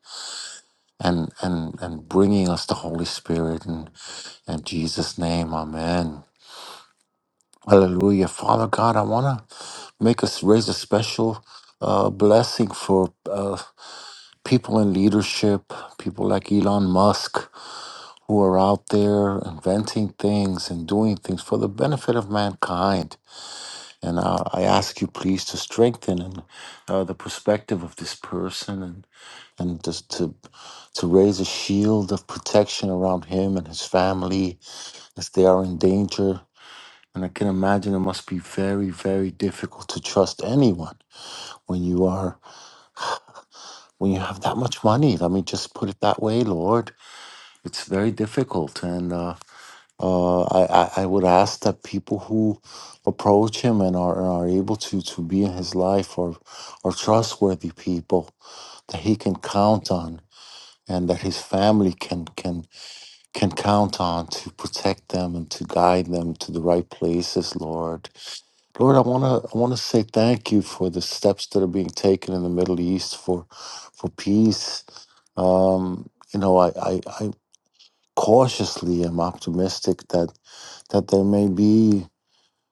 S5: and and and bringing us the Holy Spirit. And in Jesus' name, Amen. Hallelujah, Father God. I wanna make us raise a special uh, blessing for uh, people in leadership, people like Elon Musk, who are out there inventing things and doing things for the benefit of mankind. And I, I ask you, please, to strengthen and, uh, the perspective of this person and just to to raise a shield of protection around him and his family as they are in danger. And I can imagine it must be very, very difficult to trust anyone when you are when you have that much money. Let me just put it that way, Lord. It's very difficult, and uh, uh, I, I I would ask that people who approach him and are, are able to to be in his life or are trustworthy people that he can count on, and that his family can can can count on to protect them and to guide them to the right places, Lord. Lord, I wanna I wanna say thank you for the steps that are being taken in the Middle East for for peace. Um, you know, I, I, I cautiously am optimistic that that there may be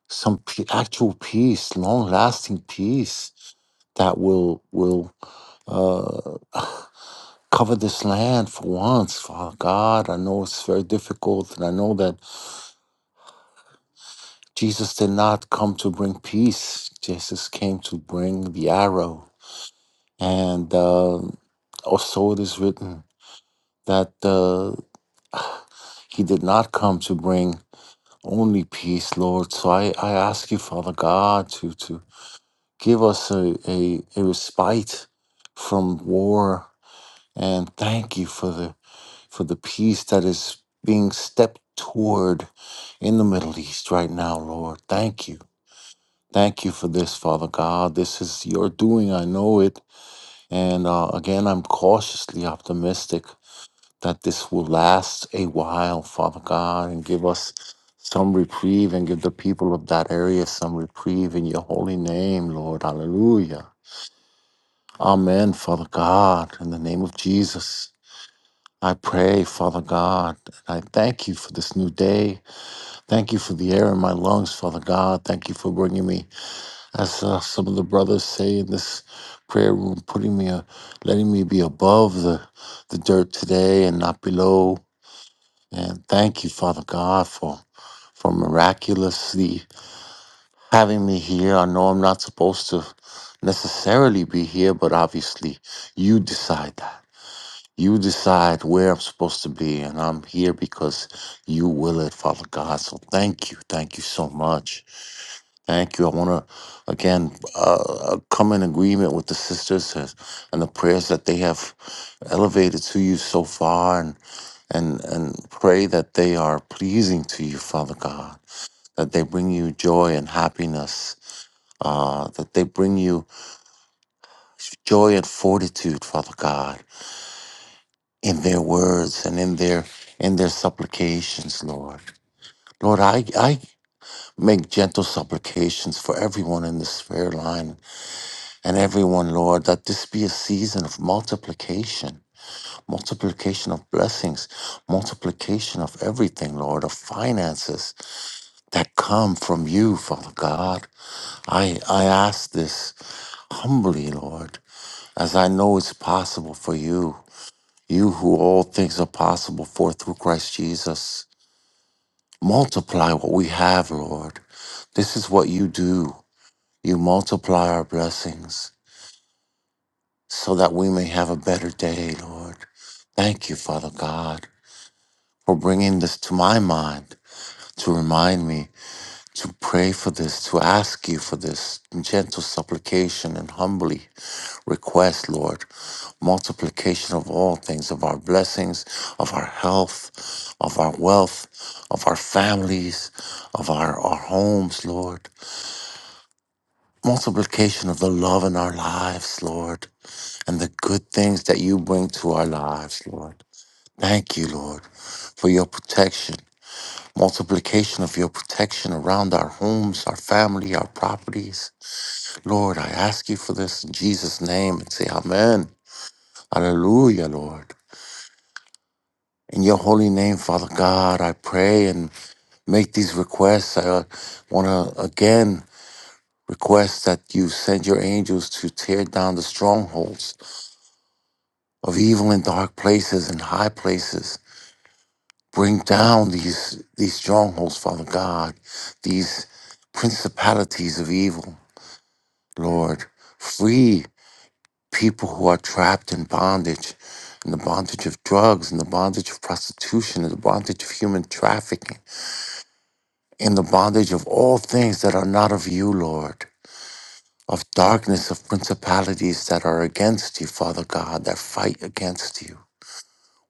S5: some p- actual peace, long lasting peace that will will uh, cover this land for once. Father God, I know it's very difficult, and I know that Jesus did not come to bring peace. Jesus came to bring the arrow. And um also it is written that uh, he did not come to bring only peace, Lord. So I, I ask you, Father God, to, to give us a, a, a respite from war. And thank you for the for the peace that is being stepped toward in the Middle East right now, Lord. Thank you. Thank you for this, Father God. This is your doing. I know it. And uh, again, I'm cautiously optimistic that this will last a while, Father God, and give us some reprieve and give the people of that area some reprieve in your holy name, Lord. Hallelujah. Amen, Father God. In the name of Jesus, I pray, Father God, and I thank you for this new day. Thank you for the air in my lungs, Father God. Thank you for bringing me As saw some of the brothers say in this prayer room, putting me, a, letting me be above the, the dirt today and not below. And thank you, Father God, for, for miraculously having me here. I know I'm not supposed to necessarily be here, but obviously you decide that. You decide where I'm supposed to be, and I'm here because you will it, Father God. So thank you. Thank you so much. Thank you. I want to again uh, uh, come in agreement with the sisters as- and the prayers that they have elevated to you so far, and and and pray that they are pleasing to you, Father God. That they bring you joy and happiness. Uh, that they bring you joy and fortitude, Father God, in their words and in their in their supplications, Lord. Lord, I I make gentle supplications for everyone in this prayer line and everyone, Lord, that this be a season of multiplication, multiplication of blessings, multiplication of everything, Lord, of finances that come from you, Father God. I, I ask this humbly, Lord, as I know it's possible for you, you who all things are possible for through Christ Jesus. Multiply what we have, Lord. This is what you do. You multiply our blessings. so that we may have a better day, Lord. Thank you, Father God, for bringing this to my mind to remind me to pray for this, to ask you for this in gentle supplication and humbly request, Lord. Multiplication of all things, of our blessings, of our health, of our wealth, of our families, of our, our homes, Lord multiplication of the love in our lives, Lord, and the good things that you bring to our lives, Lord. Thank you, Lord, for your protection, multiplication of your protection around our homes, our family, our properties. Lord, I ask you for this in Jesus' name and say amen. Hallelujah, Lord. In your holy name, Father God, I pray and make these requests. I want to again request that you send your angels to tear down the strongholds of evil in dark places and high places. Bring down these these strongholds, Father God, these principalities of evil, Lord. Free people who are trapped in bondage, in the bondage of drugs, in the bondage of prostitution, in the bondage of human trafficking, in the bondage of all things that are not of you, Lord. Of darkness, of principalities that are against you, Father God, that fight against you.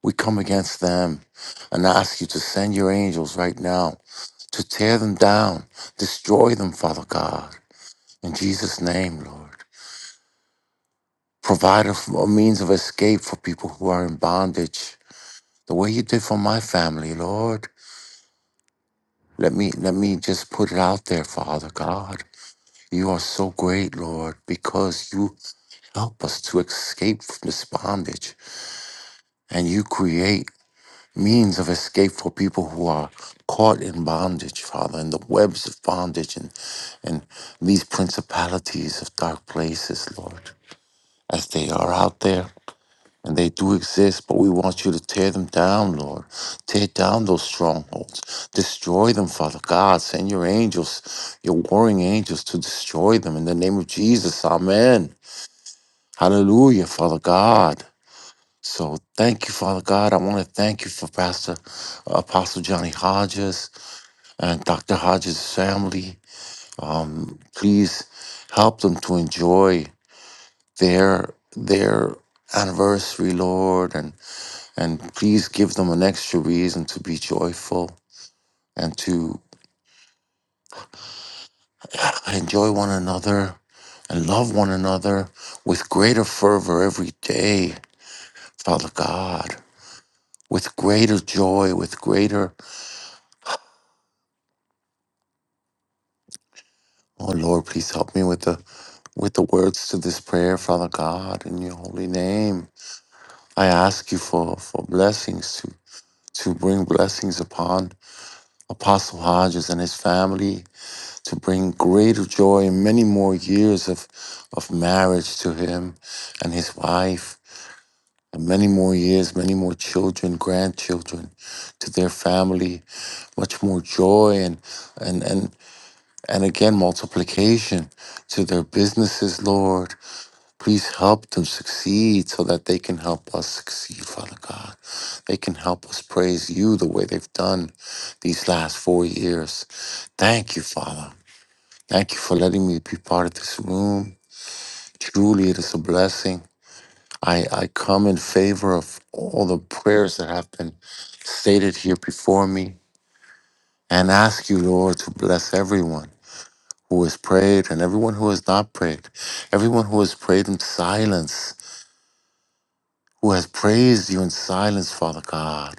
S5: We come against them and ask you to send your angels right now to tear them down, destroy them, Father God. In Jesus' name, Lord. Provide a, a means of escape for people who are in bondage, the way you did for my family, Lord. Let me let me just put it out there, Father God. You are so great, Lord, because you help us to escape from this bondage. And you create means of escape for people who are caught in bondage, Father, in the webs of bondage and, and these principalities of dark places, Lord, as they are out there. And they do exist, but we want you to tear them down, Lord. Tear down those strongholds. Destroy them, Father God. Send your angels, your warring angels, to destroy them. In the name of Jesus, amen. Hallelujah, Father God. So thank you, Father God. I want to thank you for Pastor Apostle Johnny Hodges and Dr. Hodges' family. Please help them to enjoy their their anniversary, Lord, and and please give them an extra reason to be joyful and to enjoy one another and love one another with greater fervor every day, Father God, with greater joy, with greater. Oh Lord, please help me with the with the words to this prayer, Father God, in your holy name. I ask you for, for blessings to, to bring blessings upon Apostle Hodges and his family, to bring greater joy and many more years of, of marriage to him and his wife, and many more years, many more children, grandchildren to their family, much more joy and and and, and again multiplication to their businesses, Lord Please help them succeed so that they can help us succeed, Father God. They can help us praise you the way they've done these last four years. Thank you, Father. Thank you for letting me be part of this room. Truly, it is a blessing. I, I come in favor of all the prayers that have been stated here before me and ask you, Lord, to bless everyone who has prayed and everyone who has not prayed, everyone who has prayed in silence who has praised you in silence, Father God.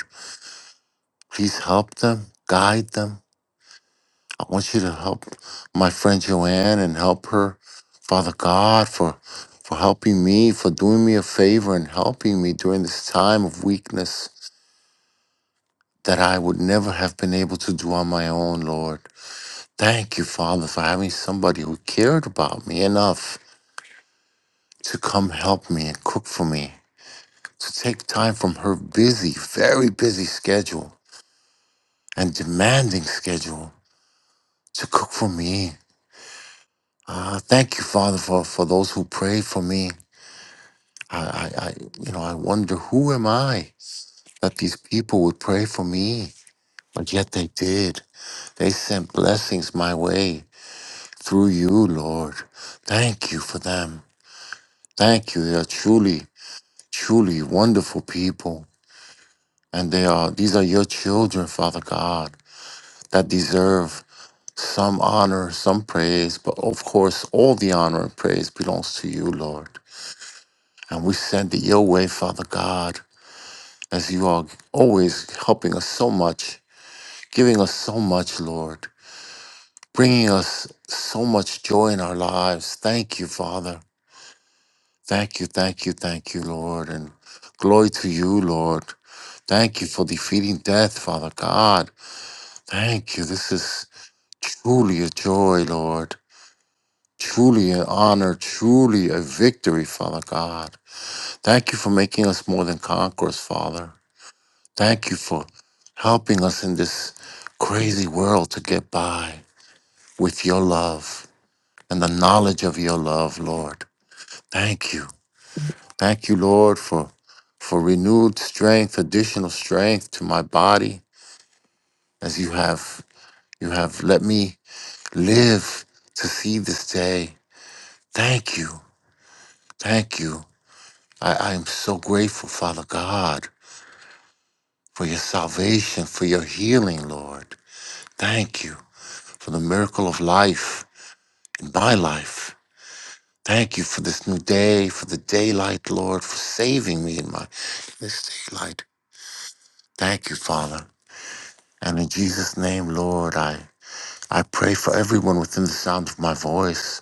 S5: Please help them, guide them. I want you to help my friend Joanne and help her, Father God, for for helping me, for doing me a favor and helping me during this time of weakness that I would never have been able to do on my own, Lord. Thank you, Father, for having somebody who cared about me enough to come help me and cook for me, to take time from her busy, very busy schedule and demanding schedule to cook for me. Uh, thank you, Father, for, for those who prayed for me. I, I, I, you know, I wonder who am I that these people would pray for me, but yet they did. They sent blessings my way through you, Lord. Thank you for them. Thank you. They are truly, truly wonderful people, and they are. These are your children, Father God, that deserve some honor, some praise, but of course, all the honor and praise belongs to you, Lord. And we send it your way, Father God, as you are always helping us so much, giving us so much, Lord, bringing us so much joy in our lives. Thank you, Father. Thank you, thank you, thank you, Lord. And glory to you, Lord. Thank you for defeating death, Father God. Thank you. This is truly a joy, Lord. Truly an honor, truly a victory, Father God. Thank you for making us more than conquerors, Father. Thank you for helping us in this crazy world to get by with your love and the knowledge of your love, Lord. Thank you. Thank you, Lord, for for renewed strength, additional strength to my body as you have you have let me live to see this day. Thank you. Thank you. I, I am so grateful, Father God, for your salvation, for your healing, Lord. Thank you for the miracle of life in my life. Thank you for this new day, for the daylight, Lord, for saving me in my this daylight. Thank you, Father. And in Jesus' name, Lord, I, I pray for everyone within the sound of my voice.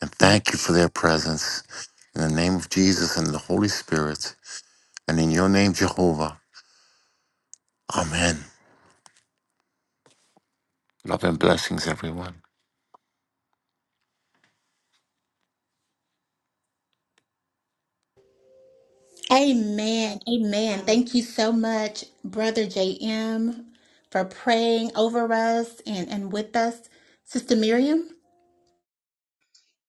S5: And thank you for their presence. In the name of Jesus and the Holy Spirit. And in your name, Jehovah. Amen. Love and blessings, everyone.
S1: Amen. Amen.
S2: Hallelujah.
S1: Thank you so much, Brother JM, for praying over us and, and with us. Sister Miriam,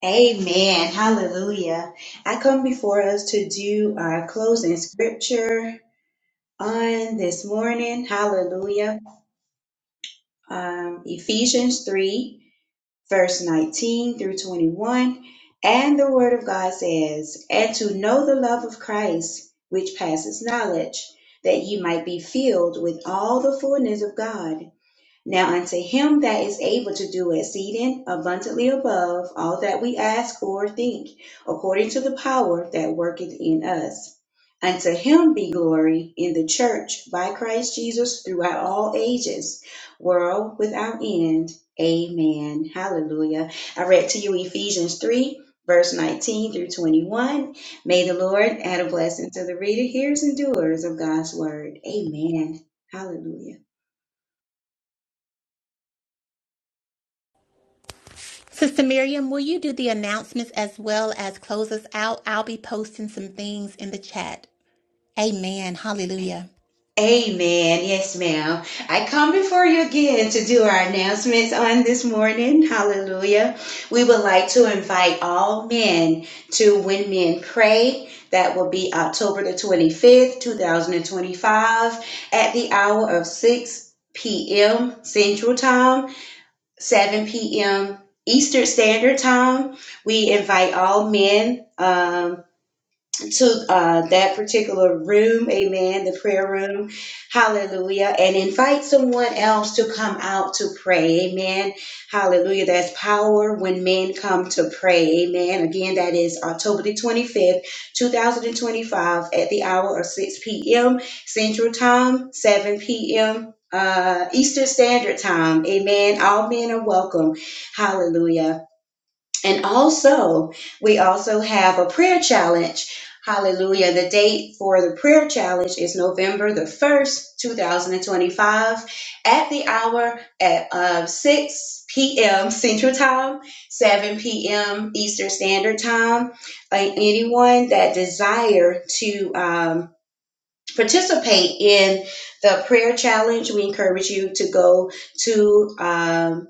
S2: Amen. Hallelujah. I come before us to do our closing scripture on this morning. Hallelujah. Um, Ephesians 3, verse 19 through 21. And the word of God says, And to know the love of Christ, which passes knowledge, that ye might be filled with all the fullness of God. Now unto him that is able to do exceeding abundantly above all that we ask or think, according to the power that worketh in us. Unto him be glory in the church by Christ Jesus throughout all ages, world without end. Amen. Hallelujah. I read to you Ephesians 3, verse 19 through 21. May the Lord add a blessing to the reader, hearers, and doers of God's word. Amen. Hallelujah.
S1: Sister Miriam, will you do the announcements as well as close us out? I'll be posting some things in the chat. Amen. Hallelujah.
S2: Amen. Yes, ma'am. I come before you again to do our announcements on this morning. Hallelujah. We would like to invite all men to When Men Pray. That will be October the 25th, 2025, at the hour of 6 p.m. Central Time, 7 p.m. Eastern Standard Time. We invite all men. um, to uh, that particular room, amen, the prayer room, hallelujah, and invite someone else to come out to pray, amen, hallelujah. That's power when men come to pray, amen. Again, that is October the 25th, 2025, at the hour of 6 p.m. Central Time, 7 p.m. Uh, Eastern Standard Time, amen. All men are welcome, hallelujah. And also, we also have a prayer challenge. Hallelujah. The date for the prayer challenge is November the 1st, 2025, at the hour at uh, 6 p.m. Central Time, 7 p.m. Eastern Standard Time. Uh, anyone that desire to um, participate in the prayer challenge, we encourage you to go to um,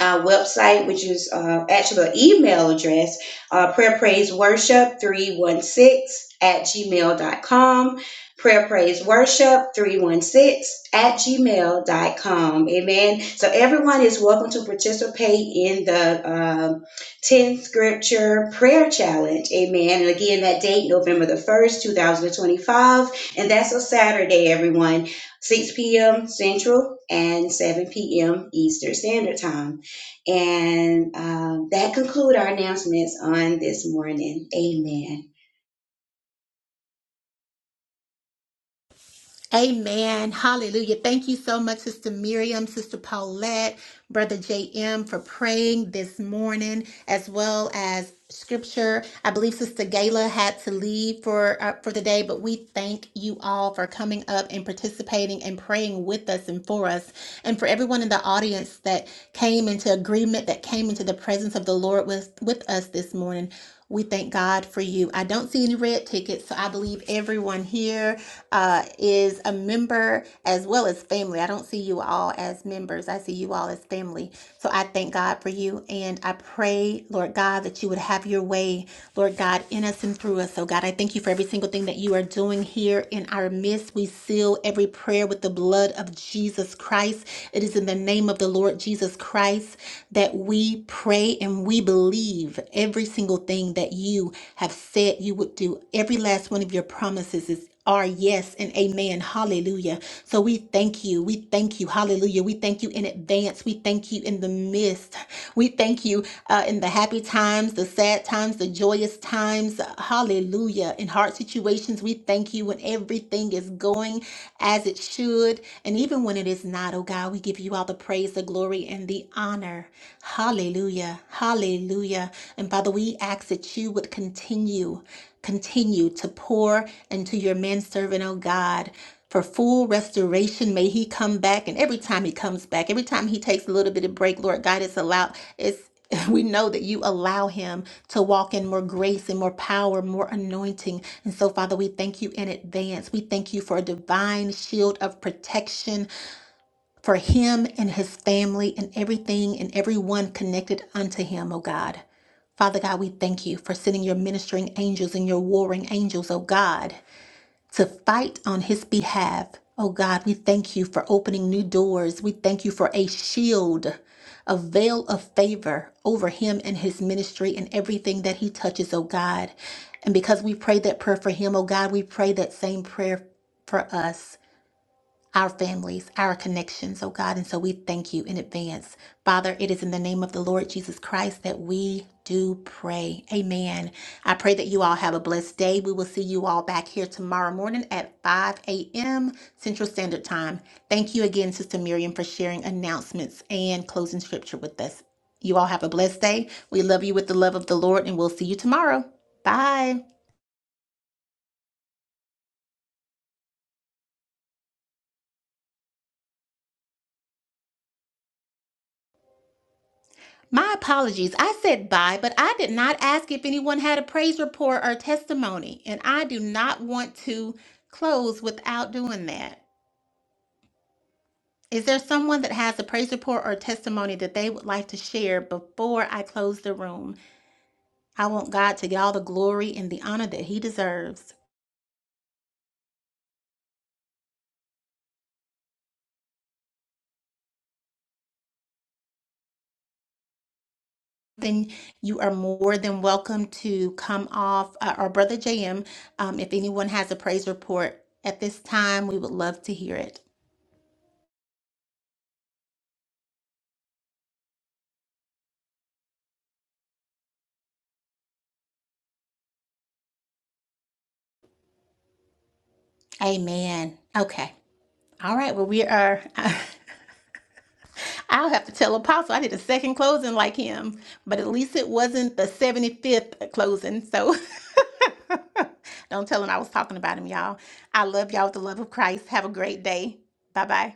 S2: our website, which is uh, actually an email address, uh, prayer praise worship 316 at gmail.com. Prayer praise worship 316 at gmail dot com. Amen. So everyone is welcome to participate in the um 10 scripture prayer challenge. Amen. And again, that date, November the 1st, 2025. And that's a Saturday, everyone. 6 p.m. Central and 7 p.m. Eastern Standard Time. And um, that concludes our announcements on this morning. Amen.
S1: Amen. Hallelujah. Thank you so much, Sister Miriam, Sister Paulette, Brother JM, for praying this morning, as well as scripture. I believe Sister Gayla had to leave for uh, for the day, but we thank you all for coming up and participating and praying with us and for us, and for everyone in the audience that came into agreement, that came into the presence of the Lord with with us this morning. We thank God for you. I don't see any red tickets, so I believe everyone here uh, is a member as well as family. I don't see you all as members, I see you all as family. So I thank God for you. And I pray, Lord God, that you would have your way, Lord God, in us and through us. So, God, I thank you for every single thing that you are doing here in our midst. We seal every prayer with the blood of Jesus Christ. It is in the name of the Lord Jesus Christ that we pray pray and we believe every single thing that you have said you would do. Every last one of your promises is are yes and amen. Hallelujah. So we thank you. We thank you. Hallelujah. We thank you in advance. We thank you in the midst. We thank you uh, in the happy times, the sad times, the joyous times. Hallelujah. In hard situations, we thank you when everything is going as it should. And even when it is not, oh God, we give you all the praise, the glory glory and the honor. Hallelujah. Hallelujah. And Father, we ask that you would continue, continue to pour into your manservant, oh God. For full restoration, may he come back. And every time he comes back, every time he takes a little bit of break, Lord God, it's allowed, it's we know that you allow him to walk in more grace and more power, more anointing. And so, Father, we thank you in advance. We thank you for a divine shield of protection for him and his family and everything and everyone connected unto him, O God. Father God, we thank you for sending your ministering angels and your warring angels, O God, to fight on his behalf. O God, we thank you for opening new doors. We thank you for a shield, a veil of favor over him and his ministry and everything that he touches, O God. And because we prayed that prayer for him, O God, we pray that same prayer for us our families, our connections, oh God. And so we thank you in advance. Father, it is in the name of the Lord Jesus Christ that we do pray. Amen. I pray that you all have a blessed day. We will see you all back here tomorrow morning at 5 a.m. Central Standard Time. Thank you again, Sister Miriam, for sharing announcements and closing scripture with us. You all have a blessed day. We love you with the love of the Lord, and we'll see you tomorrow. Bye. My apologies. I said bye, but I did not ask if anyone had a praise report or testimony, and I do not want to close without doing that. Is there someone that has a praise report or testimony that they would like to share before I close the room? I want God to get all the glory and the honor that He deserves. Then you are more than welcome to come off, uh, or Brother JM, um, if anyone has a praise report at this time, we would love to hear it. Amen. Okay. All right, well, we are. I'll have to tell Apostle I did a second closing like him, but at least it wasn't the 75th closing. So don't tell him I was talking about him, y'all. I love y'all with the love of Christ. Have a great day. Bye bye.